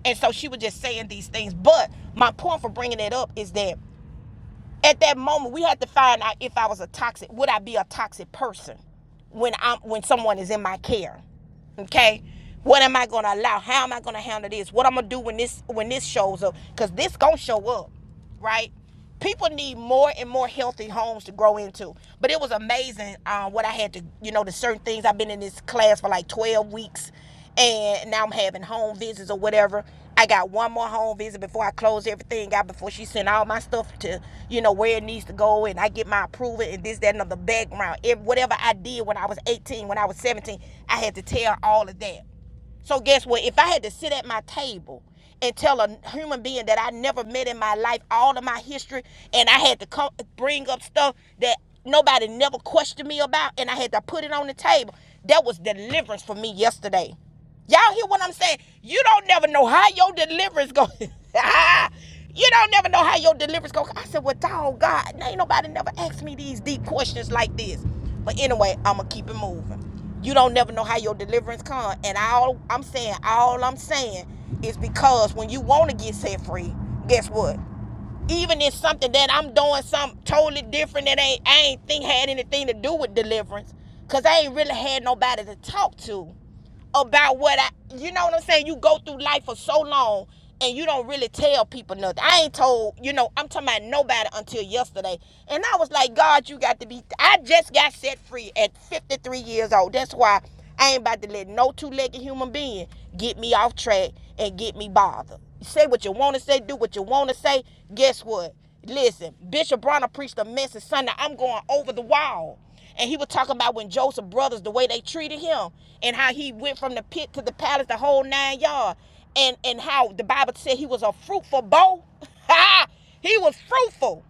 Speaker 6: And so she was just saying these things. But my point for bringing it up is that at that moment we had to find out if i was a toxic would i be a toxic person when i'm when someone is in my care okay what am i gonna allow how am i gonna handle this what i'm gonna do when this when this shows up because this gonna show up right people need more and more healthy homes to grow into but it was amazing um, what i had to you know the certain things i've been in this class for like 12 weeks and now I'm having home visits or whatever. I got one more home visit before I close everything out before she send all my stuff to you know where it needs to go and I get my approval and this that and the background. If whatever I did when I was 18, when I was 17, I had to tell all of that. So guess what? If I had to sit at my table and tell a human being that I never met in my life all of my history, and I had to come bring up stuff that nobody never questioned me about, and I had to put it on the table, that was deliverance for me yesterday. Y'all hear what I'm saying? You don't never know how your deliverance go. you don't never know how your deliverance go. I said, well, dog, God, ain't nobody never asked me these deep questions like this. But anyway, I'ma keep it moving. You don't never know how your deliverance come. And all I'm saying, all I'm saying is because when you want to get set free, guess what? Even if something that I'm doing something totally different that ain't I ain't think had anything to do with deliverance. Cause I ain't really had nobody to talk to about what I, you know what I'm saying? You go through life for so long and you don't really tell people nothing. I ain't told, you know, I'm talking about nobody until yesterday. And I was like, God, you got to be, I just got set free at 53 years old. That's why I ain't about to let no two-legged human being get me off track and get me bothered. Say what you want to say, do what you want to say. Guess what? Listen, Bishop Bronner preached a message Sunday. I'm going over the wall. And he was talking about when Joseph brothers, the way they treated him, and how he went from the pit to the palace, the whole nine yards, and and how the Bible said he was a fruitful bow. he was fruitful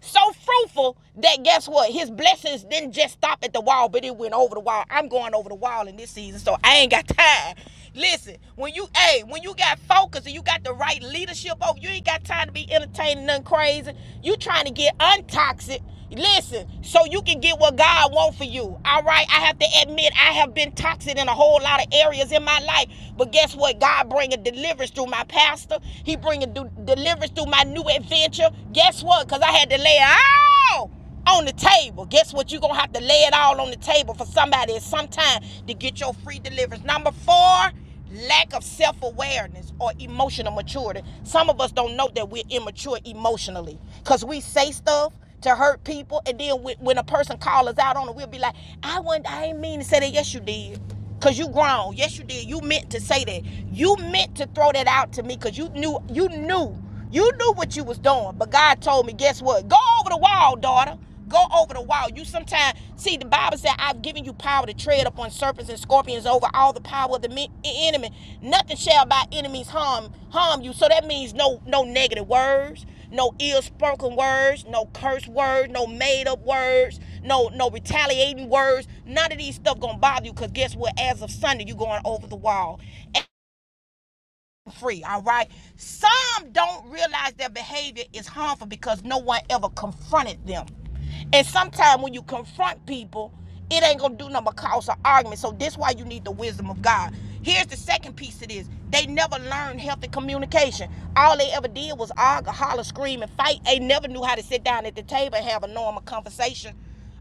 Speaker 6: so fruitful that guess what? His blessings didn't just stop at the wall, but it went over the wall. I'm going over the wall in this season, so I ain't got time. Listen, when you hey, when you got focus and you got the right leadership over, you ain't got time to be entertaining nothing crazy. You trying to get untoxic. Listen, so you can get what God wants for you. All right, I have to admit I have been toxic in a whole lot of areas in my life, but guess what? God bringing deliverance through my pastor. He bringing deliverance through my new adventure. Guess what? Because I had to lay it all on the table. Guess what? You're going to have to lay it all on the table for somebody at some time to get your free deliverance. Number four, lack of self awareness or emotional maturity. Some of us don't know that we're immature emotionally because we say stuff to hurt people, and then when a person calls us out on it, we'll be like, I, would not I ain't mean to say that. Yes, you did. Cause you grown. Yes, you did. You meant to say that. You meant to throw that out to me because you knew you knew. You knew what you was doing. But God told me, guess what? Go over the wall, daughter. Go over the wall. You sometimes see the Bible said, I've given you power to tread upon serpents and scorpions over all the power of the e- enemy. Nothing shall by enemies harm harm you. So that means no no negative words, no ill spoken words, no curse words, no made up words no no retaliating words. None of these stuff gonna bother you because guess what? As of Sunday, you going over the wall free, all right? Some don't realize their behavior is harmful because no one ever confronted them. And sometimes when you confront people, it ain't gonna do nothing but cause an argument. So this is why you need the wisdom of God. Here's the second piece of this. They never learned healthy communication. All they ever did was argue, holler, scream, and fight. They never knew how to sit down at the table and have a normal conversation.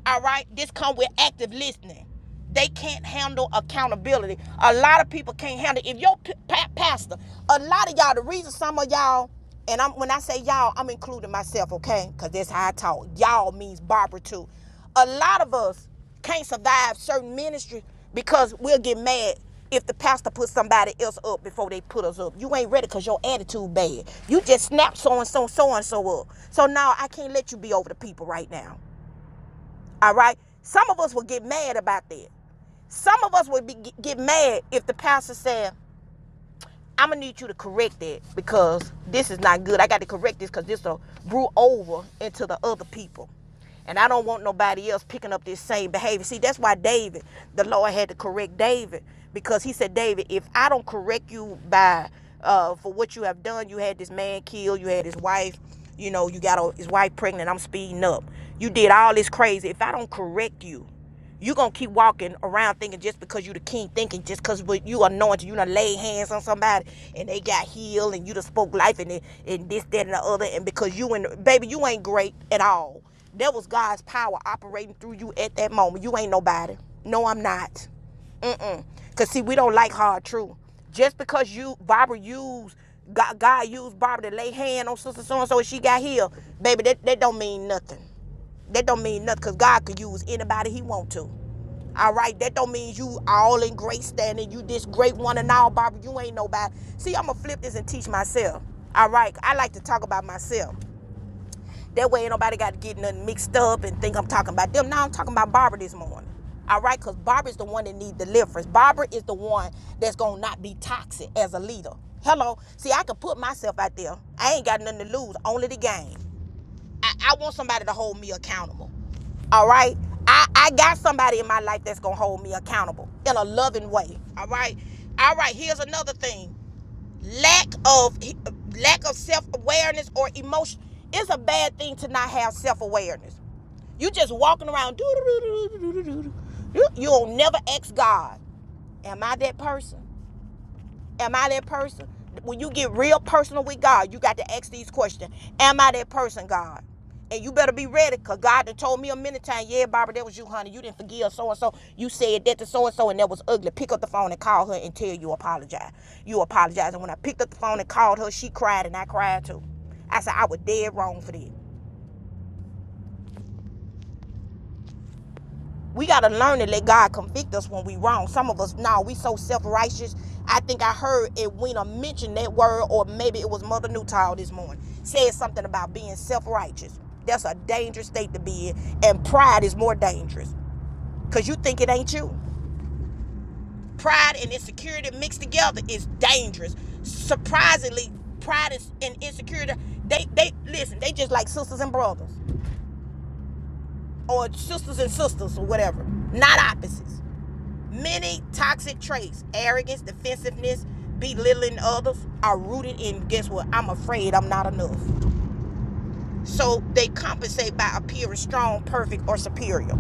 Speaker 6: All right? This come with active listening. They can't handle accountability. A lot of people can't handle. it. If your p- pa- pastor, a lot of y'all, the reason some of y'all, and I'm when I say y'all, I'm including myself, okay? Because that's how I talk. Y'all means Barbara too. A lot of us can't survive certain ministries because we'll get mad if the pastor puts somebody else up before they put us up. You ain't ready because your attitude bad. You just snap so and so, so and so up. So now I can't let you be over the people right now. All right? Some of us will get mad about that. Some of us would be, get mad if the pastor said, I'm gonna need you to correct that because this is not good. I got to correct this because this will brew over into the other people. And I don't want nobody else picking up this same behavior. See, that's why David, the Lord had to correct David because he said, David, if I don't correct you by uh, for what you have done, you had this man killed, you had his wife, you know, you got his wife pregnant. I'm speeding up. You did all this crazy. If I don't correct you, you gonna keep walking around thinking just because you the king, thinking just because you anointed, you done lay hands on somebody and they got healed and you done spoke life and, and this, that, and the other. And because you and baby, you ain't great at all. That was God's power operating through you at that moment. You ain't nobody. No, I'm not. Mm-mm. Cause see, we don't like hard truth. Just because you Barbara used God, God used Barbara to lay hand on sister so and so and she got healed, baby, that, that don't mean nothing. That don't mean nothing because God could use anybody he want to. All right, that don't mean you all in great standing. You this great one and all, Barbara. You ain't nobody. See, I'ma flip this and teach myself. All right, I like to talk about myself. That way, ain't nobody got to get nothing mixed up and think I'm talking about them. Now I'm talking about Barbara this morning. All right, because Barbara's the one that need deliverance. Barbara is the one that's gonna not be toxic as a leader. Hello, see, I can put myself out there. I ain't got nothing to lose, only the game. I, I want somebody to hold me accountable. All right. I, I got somebody in my life that's gonna hold me accountable in a loving way. All right. All right. Here's another thing: lack of lack of self awareness or emotion. It's a bad thing to not have self awareness. You just walking around. You will never ask God, am I that person? Am I that person? When you get real personal with God, you got to ask these questions. Am I that person, God? And you better be ready, cause God done told me a minute times, yeah, Barbara, that was you, honey. You didn't forgive so and so. You said that to so and so, and that was ugly. Pick up the phone and call her and tell you apologize. You apologize. And when I picked up the phone and called her, she cried and I cried too. I said I was dead wrong for this. We gotta learn to let God convict us when we wrong. Some of us, nah, we so self-righteous. I think I heard Edwina mention that word, or maybe it was Mother Newtile this morning. Said something about being self-righteous. That's a dangerous state to be in. And pride is more dangerous. Cause you think it ain't you. Pride and insecurity mixed together is dangerous. Surprisingly, pride and insecurity, they they listen, they just like sisters and brothers. Or sisters and sisters or whatever. Not opposites. Many toxic traits, arrogance, defensiveness, belittling others, are rooted in guess what? I'm afraid I'm not enough. So they compensate by appearing strong, perfect, or superior.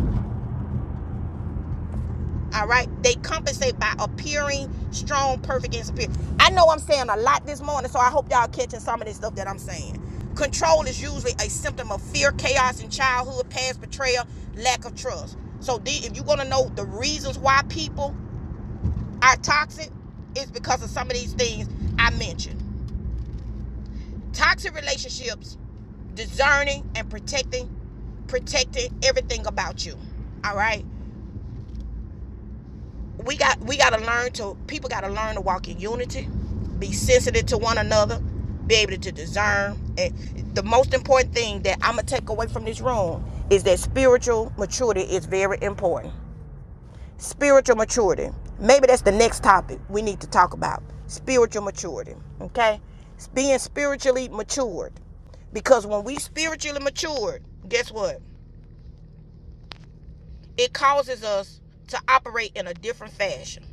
Speaker 6: All right? They compensate by appearing strong, perfect, and superior. I know I'm saying a lot this morning, so I hope y'all catching some of this stuff that I'm saying. Control is usually a symptom of fear, chaos in childhood, past betrayal, lack of trust. So if you're gonna know the reasons why people are toxic is because of some of these things I mentioned. Toxic relationships, discerning and protecting, protecting everything about you. All right. We got we gotta learn to people gotta learn to walk in unity, be sensitive to one another, be able to discern. And the most important thing that I'm gonna take away from this room is that spiritual maturity is very important. spiritual maturity. Maybe that's the next topic we need to talk about spiritual maturity. Okay? It's being spiritually matured. Because when we spiritually matured, guess what? It causes us to operate in a different fashion.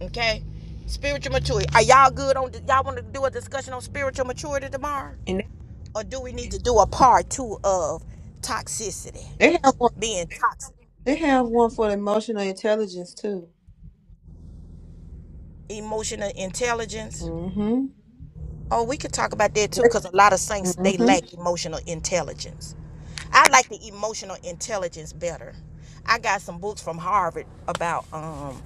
Speaker 6: Okay? Spiritual maturity. Are y'all good on y'all want to do a discussion on spiritual maturity tomorrow?
Speaker 4: they-
Speaker 6: Or do we need to do a part two of toxicity?
Speaker 4: They have one.
Speaker 6: Being toxic.
Speaker 4: They have one for emotional intelligence too.
Speaker 6: Emotional intelligence.
Speaker 4: Mm-hmm.
Speaker 6: Oh, we could talk about that too, because a lot of saints they
Speaker 4: Mm-hmm.
Speaker 6: lack emotional intelligence. I like the emotional intelligence better. I got some books from Harvard about, um,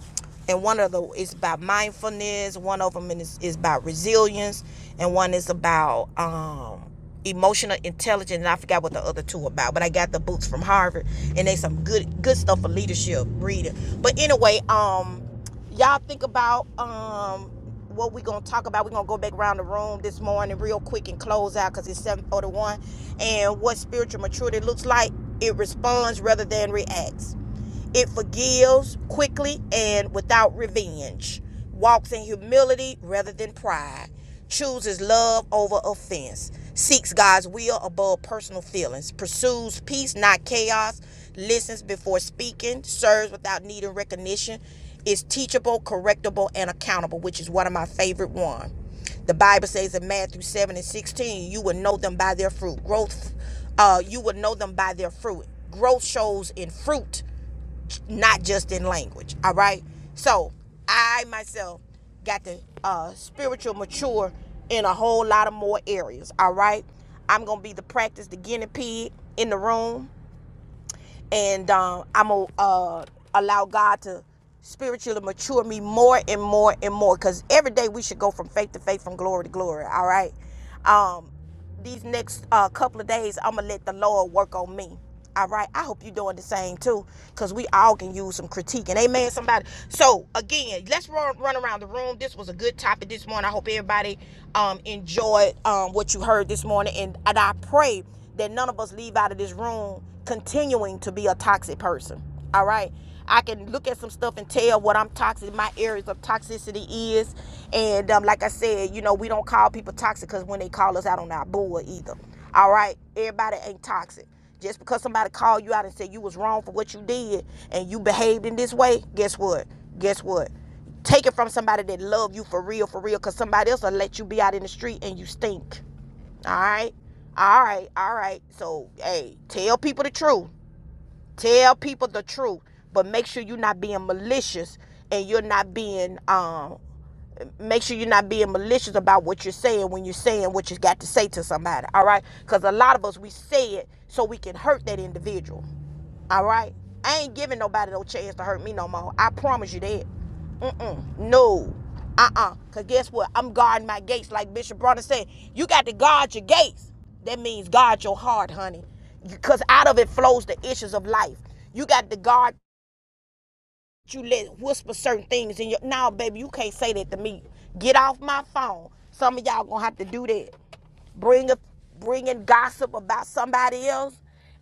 Speaker 6: and one of the is about mindfulness. One of them is, is about resilience, and one is about um, emotional intelligence. And I forgot what the other two are about, but I got the books from Harvard, and they some good good stuff for leadership reading. But anyway, um y'all think about um what we gonna talk about. We're gonna go back around the room this morning real quick and close out because it's 741. And what spiritual maturity looks like, it responds rather than reacts. It forgives quickly and without revenge, walks in humility rather than pride chooses love over offense, seeks God's will above personal feelings, pursues peace, not chaos, listens before speaking, serves without needing recognition, is teachable, correctable, and accountable, which is one of my favorite ones. The Bible says in Matthew 7 and 16, you will know them by their fruit. Growth, uh, you will know them by their fruit. Growth shows in fruit not just in language. All right. So I myself got to uh, spiritual mature in a whole lot of more areas. All right. I'm gonna be the practice, the guinea pig in the room and um, I'm gonna uh, allow God to spiritually mature me more and more and more. Because every day we should go from faith to faith, from glory to glory. All right. Um, these next uh, couple of days, I'm gonna let the Lord work on me. All right. I hope you're doing the same too, because we all can use some critique. And amen, somebody. So again, let's run, run around the room. This was a good topic this morning. I hope everybody um, enjoyed um, what you heard this morning, and, and I pray that none of us leave out of this room continuing to be a toxic person. All right. I can look at some stuff and tell what I'm toxic, my areas of toxicity is. And um, like I said, you know, we don't call people toxic because when they call us out on our bull either. All right. Everybody ain't toxic. Just because somebody called you out and said you was wrong for what you did and you behaved in this way, guess what? Guess what? Take it from somebody that love you for real, for real, because somebody else will let you be out in the street and you stink. All right. All right. All right. So, hey, tell people the truth. Tell people the truth, but make sure you're not being malicious and you're not being um make sure you're not being malicious about what you're saying when you're saying what you got to say to somebody. All right? Cuz a lot of us we say it so we can hurt that individual. All right? I ain't giving nobody no chance to hurt me no more. I promise you that. Mm-mm. No. Uh-uh. Cause guess what? I'm guarding my gates, like Bishop Bronner said. You got to guard your gates. That means guard your heart, honey. Because out of it flows the issues of life. You got to guard you let whisper certain things in your now, baby, you can't say that to me. Get off my phone. Some of y'all gonna have to do that. Bring a bringing gossip about somebody else,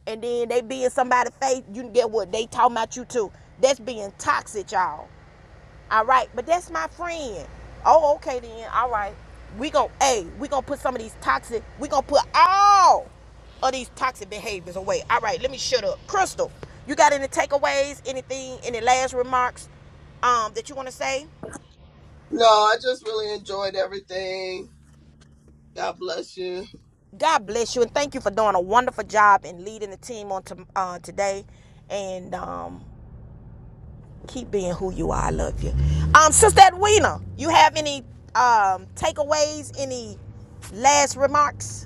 Speaker 6: and then they be in somebody's face, you can get what they talking about you too. That's being toxic, y'all. All right, but that's my friend. Oh, okay then. All right. We gon' hey, we gonna put some of these toxic, we gonna put all of these toxic behaviors away. All right, let me shut up. Crystal, you got any takeaways, anything, any last remarks um that you wanna say?
Speaker 2: No, I just really enjoyed everything. God bless you.
Speaker 6: God bless you and thank you for doing a wonderful job and leading the team on to, uh, today. And um keep being who you are. I love you. Um, Sister Edwina, you have any um takeaways, any last remarks?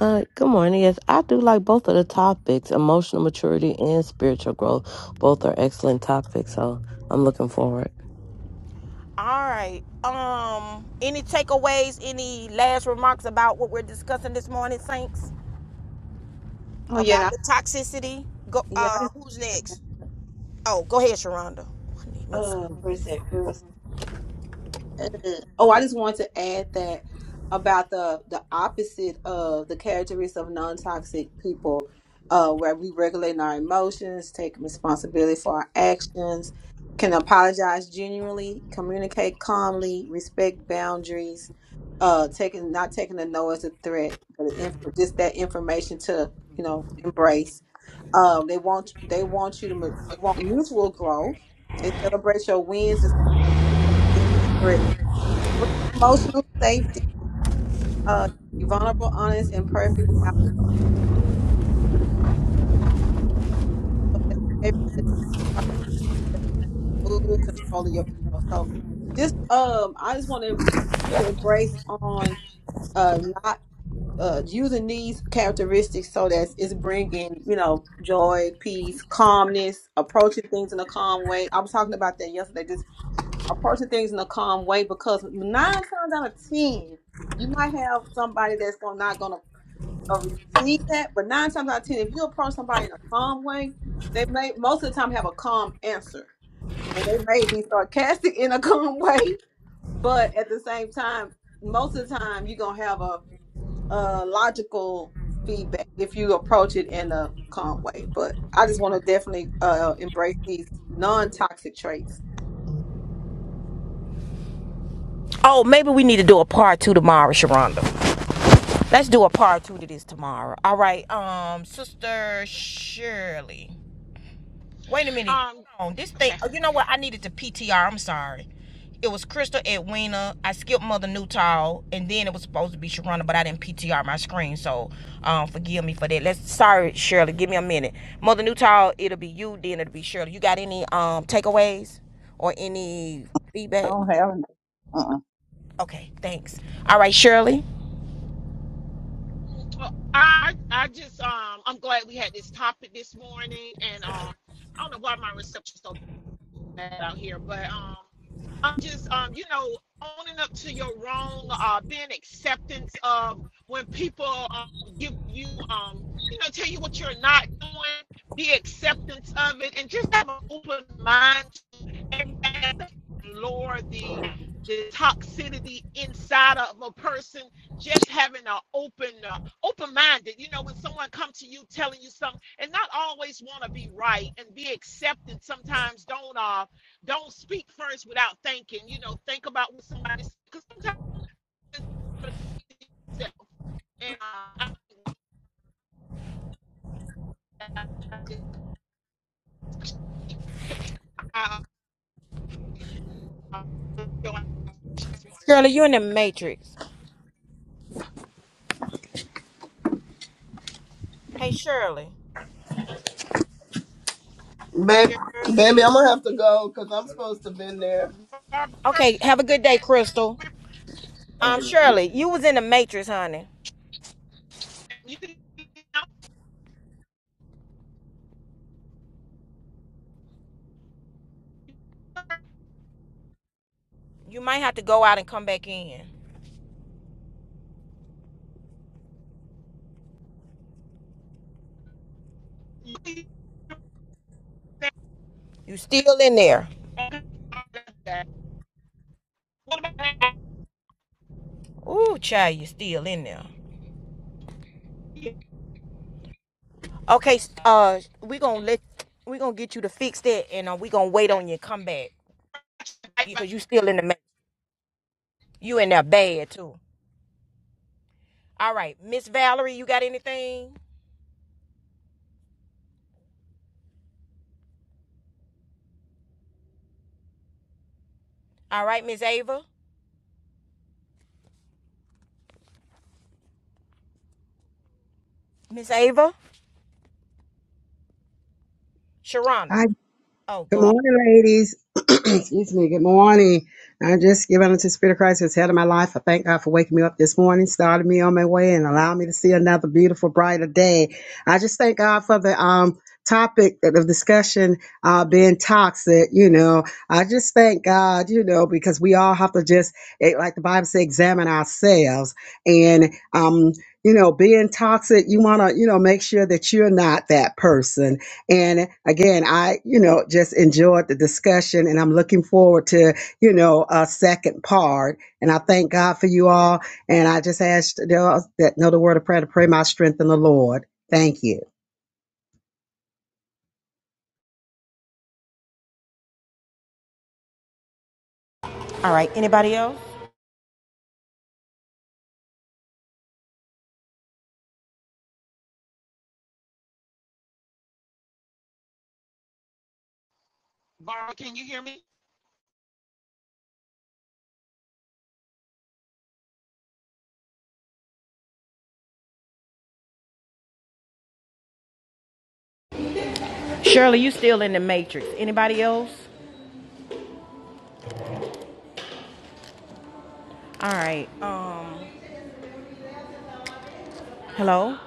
Speaker 1: Uh, good morning. Yes, I do like both of the topics emotional maturity and spiritual growth. Both are excellent topics. So I'm looking forward.
Speaker 6: All right. Um, any takeaways? Any last remarks about what we're discussing this morning, Saints?
Speaker 4: Oh yeah, and
Speaker 6: About
Speaker 4: I,
Speaker 6: the toxicity? Go.
Speaker 4: yeah. I
Speaker 6: Uh,
Speaker 4: just
Speaker 6: who's next? Oh, go ahead, Sharonda. I need me a
Speaker 4: uh,
Speaker 6: scoop.
Speaker 4: where is it? Where is it? Mm. Oh, I just want to add that about the the opposite of the characteristics of non-toxic people, uh, where we regulate our emotions, take responsibility for our actions, can apologize genuinely, communicate calmly, respect boundaries, uh, taking not taking a no as a threat, but inf- just that information to you know embrace. Um, they want they want you to mu- they want mutual growth. They celebrate your wins and Bring emotional safety. Uh, be vulnerable, honest, and perfect without that behavior that try to make you move, control of your ego. So, just um, I just want to continue to embrace on uh not uh using these characteristics so that it's bringing you know joy, peace, calmness, approaching things in a calm way. I was talking about that yesterday. Just approaching things in a calm way because nine times out of ten you might have somebody that's gonna not gonna or receive that. But nine times out of ten, if you approach somebody in a calm way, they may most of the time have a calm answer, and they may be sarcastic in a calm way, but at the same time, most of the time you're gonna have a, a logical feedback if you approach it in a calm way. But I just want to definitely uh, embrace these non-toxic traits
Speaker 6: Oh, maybe we need to do a part two tomorrow, Sharonda. Let's do a part two to this tomorrow. All right. Um, Sister Shirley. Wait a minute. Hold on. This thing. Oh, you know what? I needed to PTR. I'm sorry. It was Crystal Edwina. I skipped Mother Newtall, and then it was supposed to be Sharona, but I didn't PTR my screen, so um, forgive me for that. Let's. Sorry, Shirley. Give me a minute. Mother Newtall. It'll be you. Then it'll be Shirley. You got any um takeaways or any
Speaker 3: I
Speaker 6: feedback?
Speaker 3: don't have.
Speaker 6: Okay. Thanks. All right, Shirley.
Speaker 8: not always want to be right and be accepted. Sometimes don't uh don't speak first without thinking. You know, think about what somebody because
Speaker 6: Shirley, you're in the Matrix. Hey, Shirley.
Speaker 2: Baby, baby, I'm
Speaker 6: Shirley.
Speaker 2: gonna have to go because I'm supposed to been there.
Speaker 6: Okay. Have a good day, Crystal. Um, Shirley, you was in the Matrix, honey. You might have to go out and come back in. You still in there. Ooh, child, you still in there. Okay, uh, we gonna let we gonna get you to fix that, and uh, we gonna wait on you to come back because you still in the you in there bad too. All right, Miss Valerie, you got anything? All right, Miss Ava, Miss Ava, Sharonda.
Speaker 9: Hi,
Speaker 6: Oh,
Speaker 9: good
Speaker 6: go ahead.
Speaker 9: morning, ladies. Excuse me, good morning. I just give unto the Spirit of Christ as head of my life. I thank God for waking me up this morning, starting me on my way, and allowing me to see another beautiful, brighter day. I just thank God for the um topic of discussion uh being toxic you know i just thank god you know because we all have to just eh, like the bible says examine ourselves and um you know being toxic you want to you know make sure that you're not that person and again, I, you know, just enjoyed the discussion and I'm looking forward to, you know, a second part. And I thank God for you all. And I just ask those that know the word of prayer to pray my strength in the Lord. Thank you.
Speaker 6: All right, anybody else? Shirley, you still in the matrix. Anybody else? All right. Um, Hello?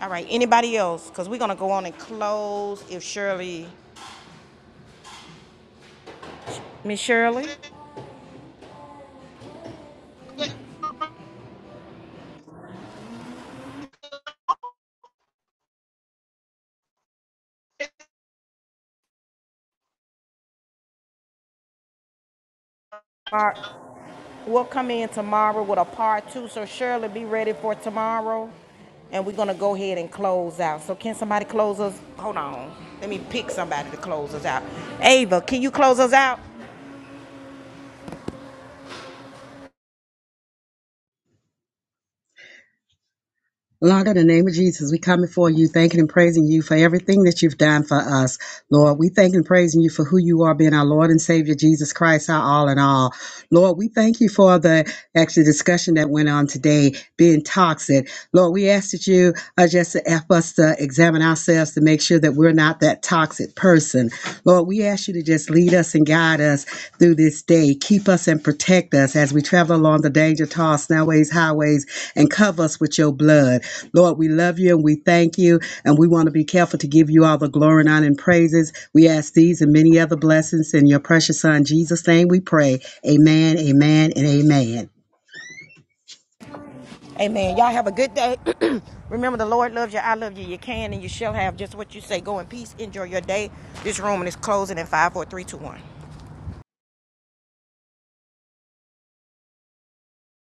Speaker 6: all right, anybody else? Cause we're gonna go on and close if Shirley Miss Shirley, we'll come in tomorrow with a part two. So Shirley, be ready for tomorrow. And we're gonna go ahead and close out. So can somebody close us? Hold on. Let me pick somebody to close us out. Ava, can you close us out?
Speaker 9: Lord, in the name of Jesus, we come before you, thanking and praising you for everything that you've done for us. Lord, we thank and praising you for who you are, being our Lord and Savior, Jesus Christ, our all in all. Lord, we thank you for the actual discussion that went on today, being toxic. Lord, we ask that you uh, just to help us to examine ourselves to make sure that we're not that toxic person. Lord, we ask you to just lead lead us and guide us through this day. Keep us and protect us as we travel along the danger tossed snowways, highways, and cover us with your blood. Lord, we love you and we thank you, and we want to be careful to give you all the glory and honor and praises. We ask these and many other blessings in your precious Son, Jesus' name we pray. Amen, amen, and amen.
Speaker 6: Amen. Y'all have a good day. Remember, the Lord loves you. I love you. You can and you shall have just what you say. Go in peace. Enjoy your day. This room is closing in five, four, three, two, one.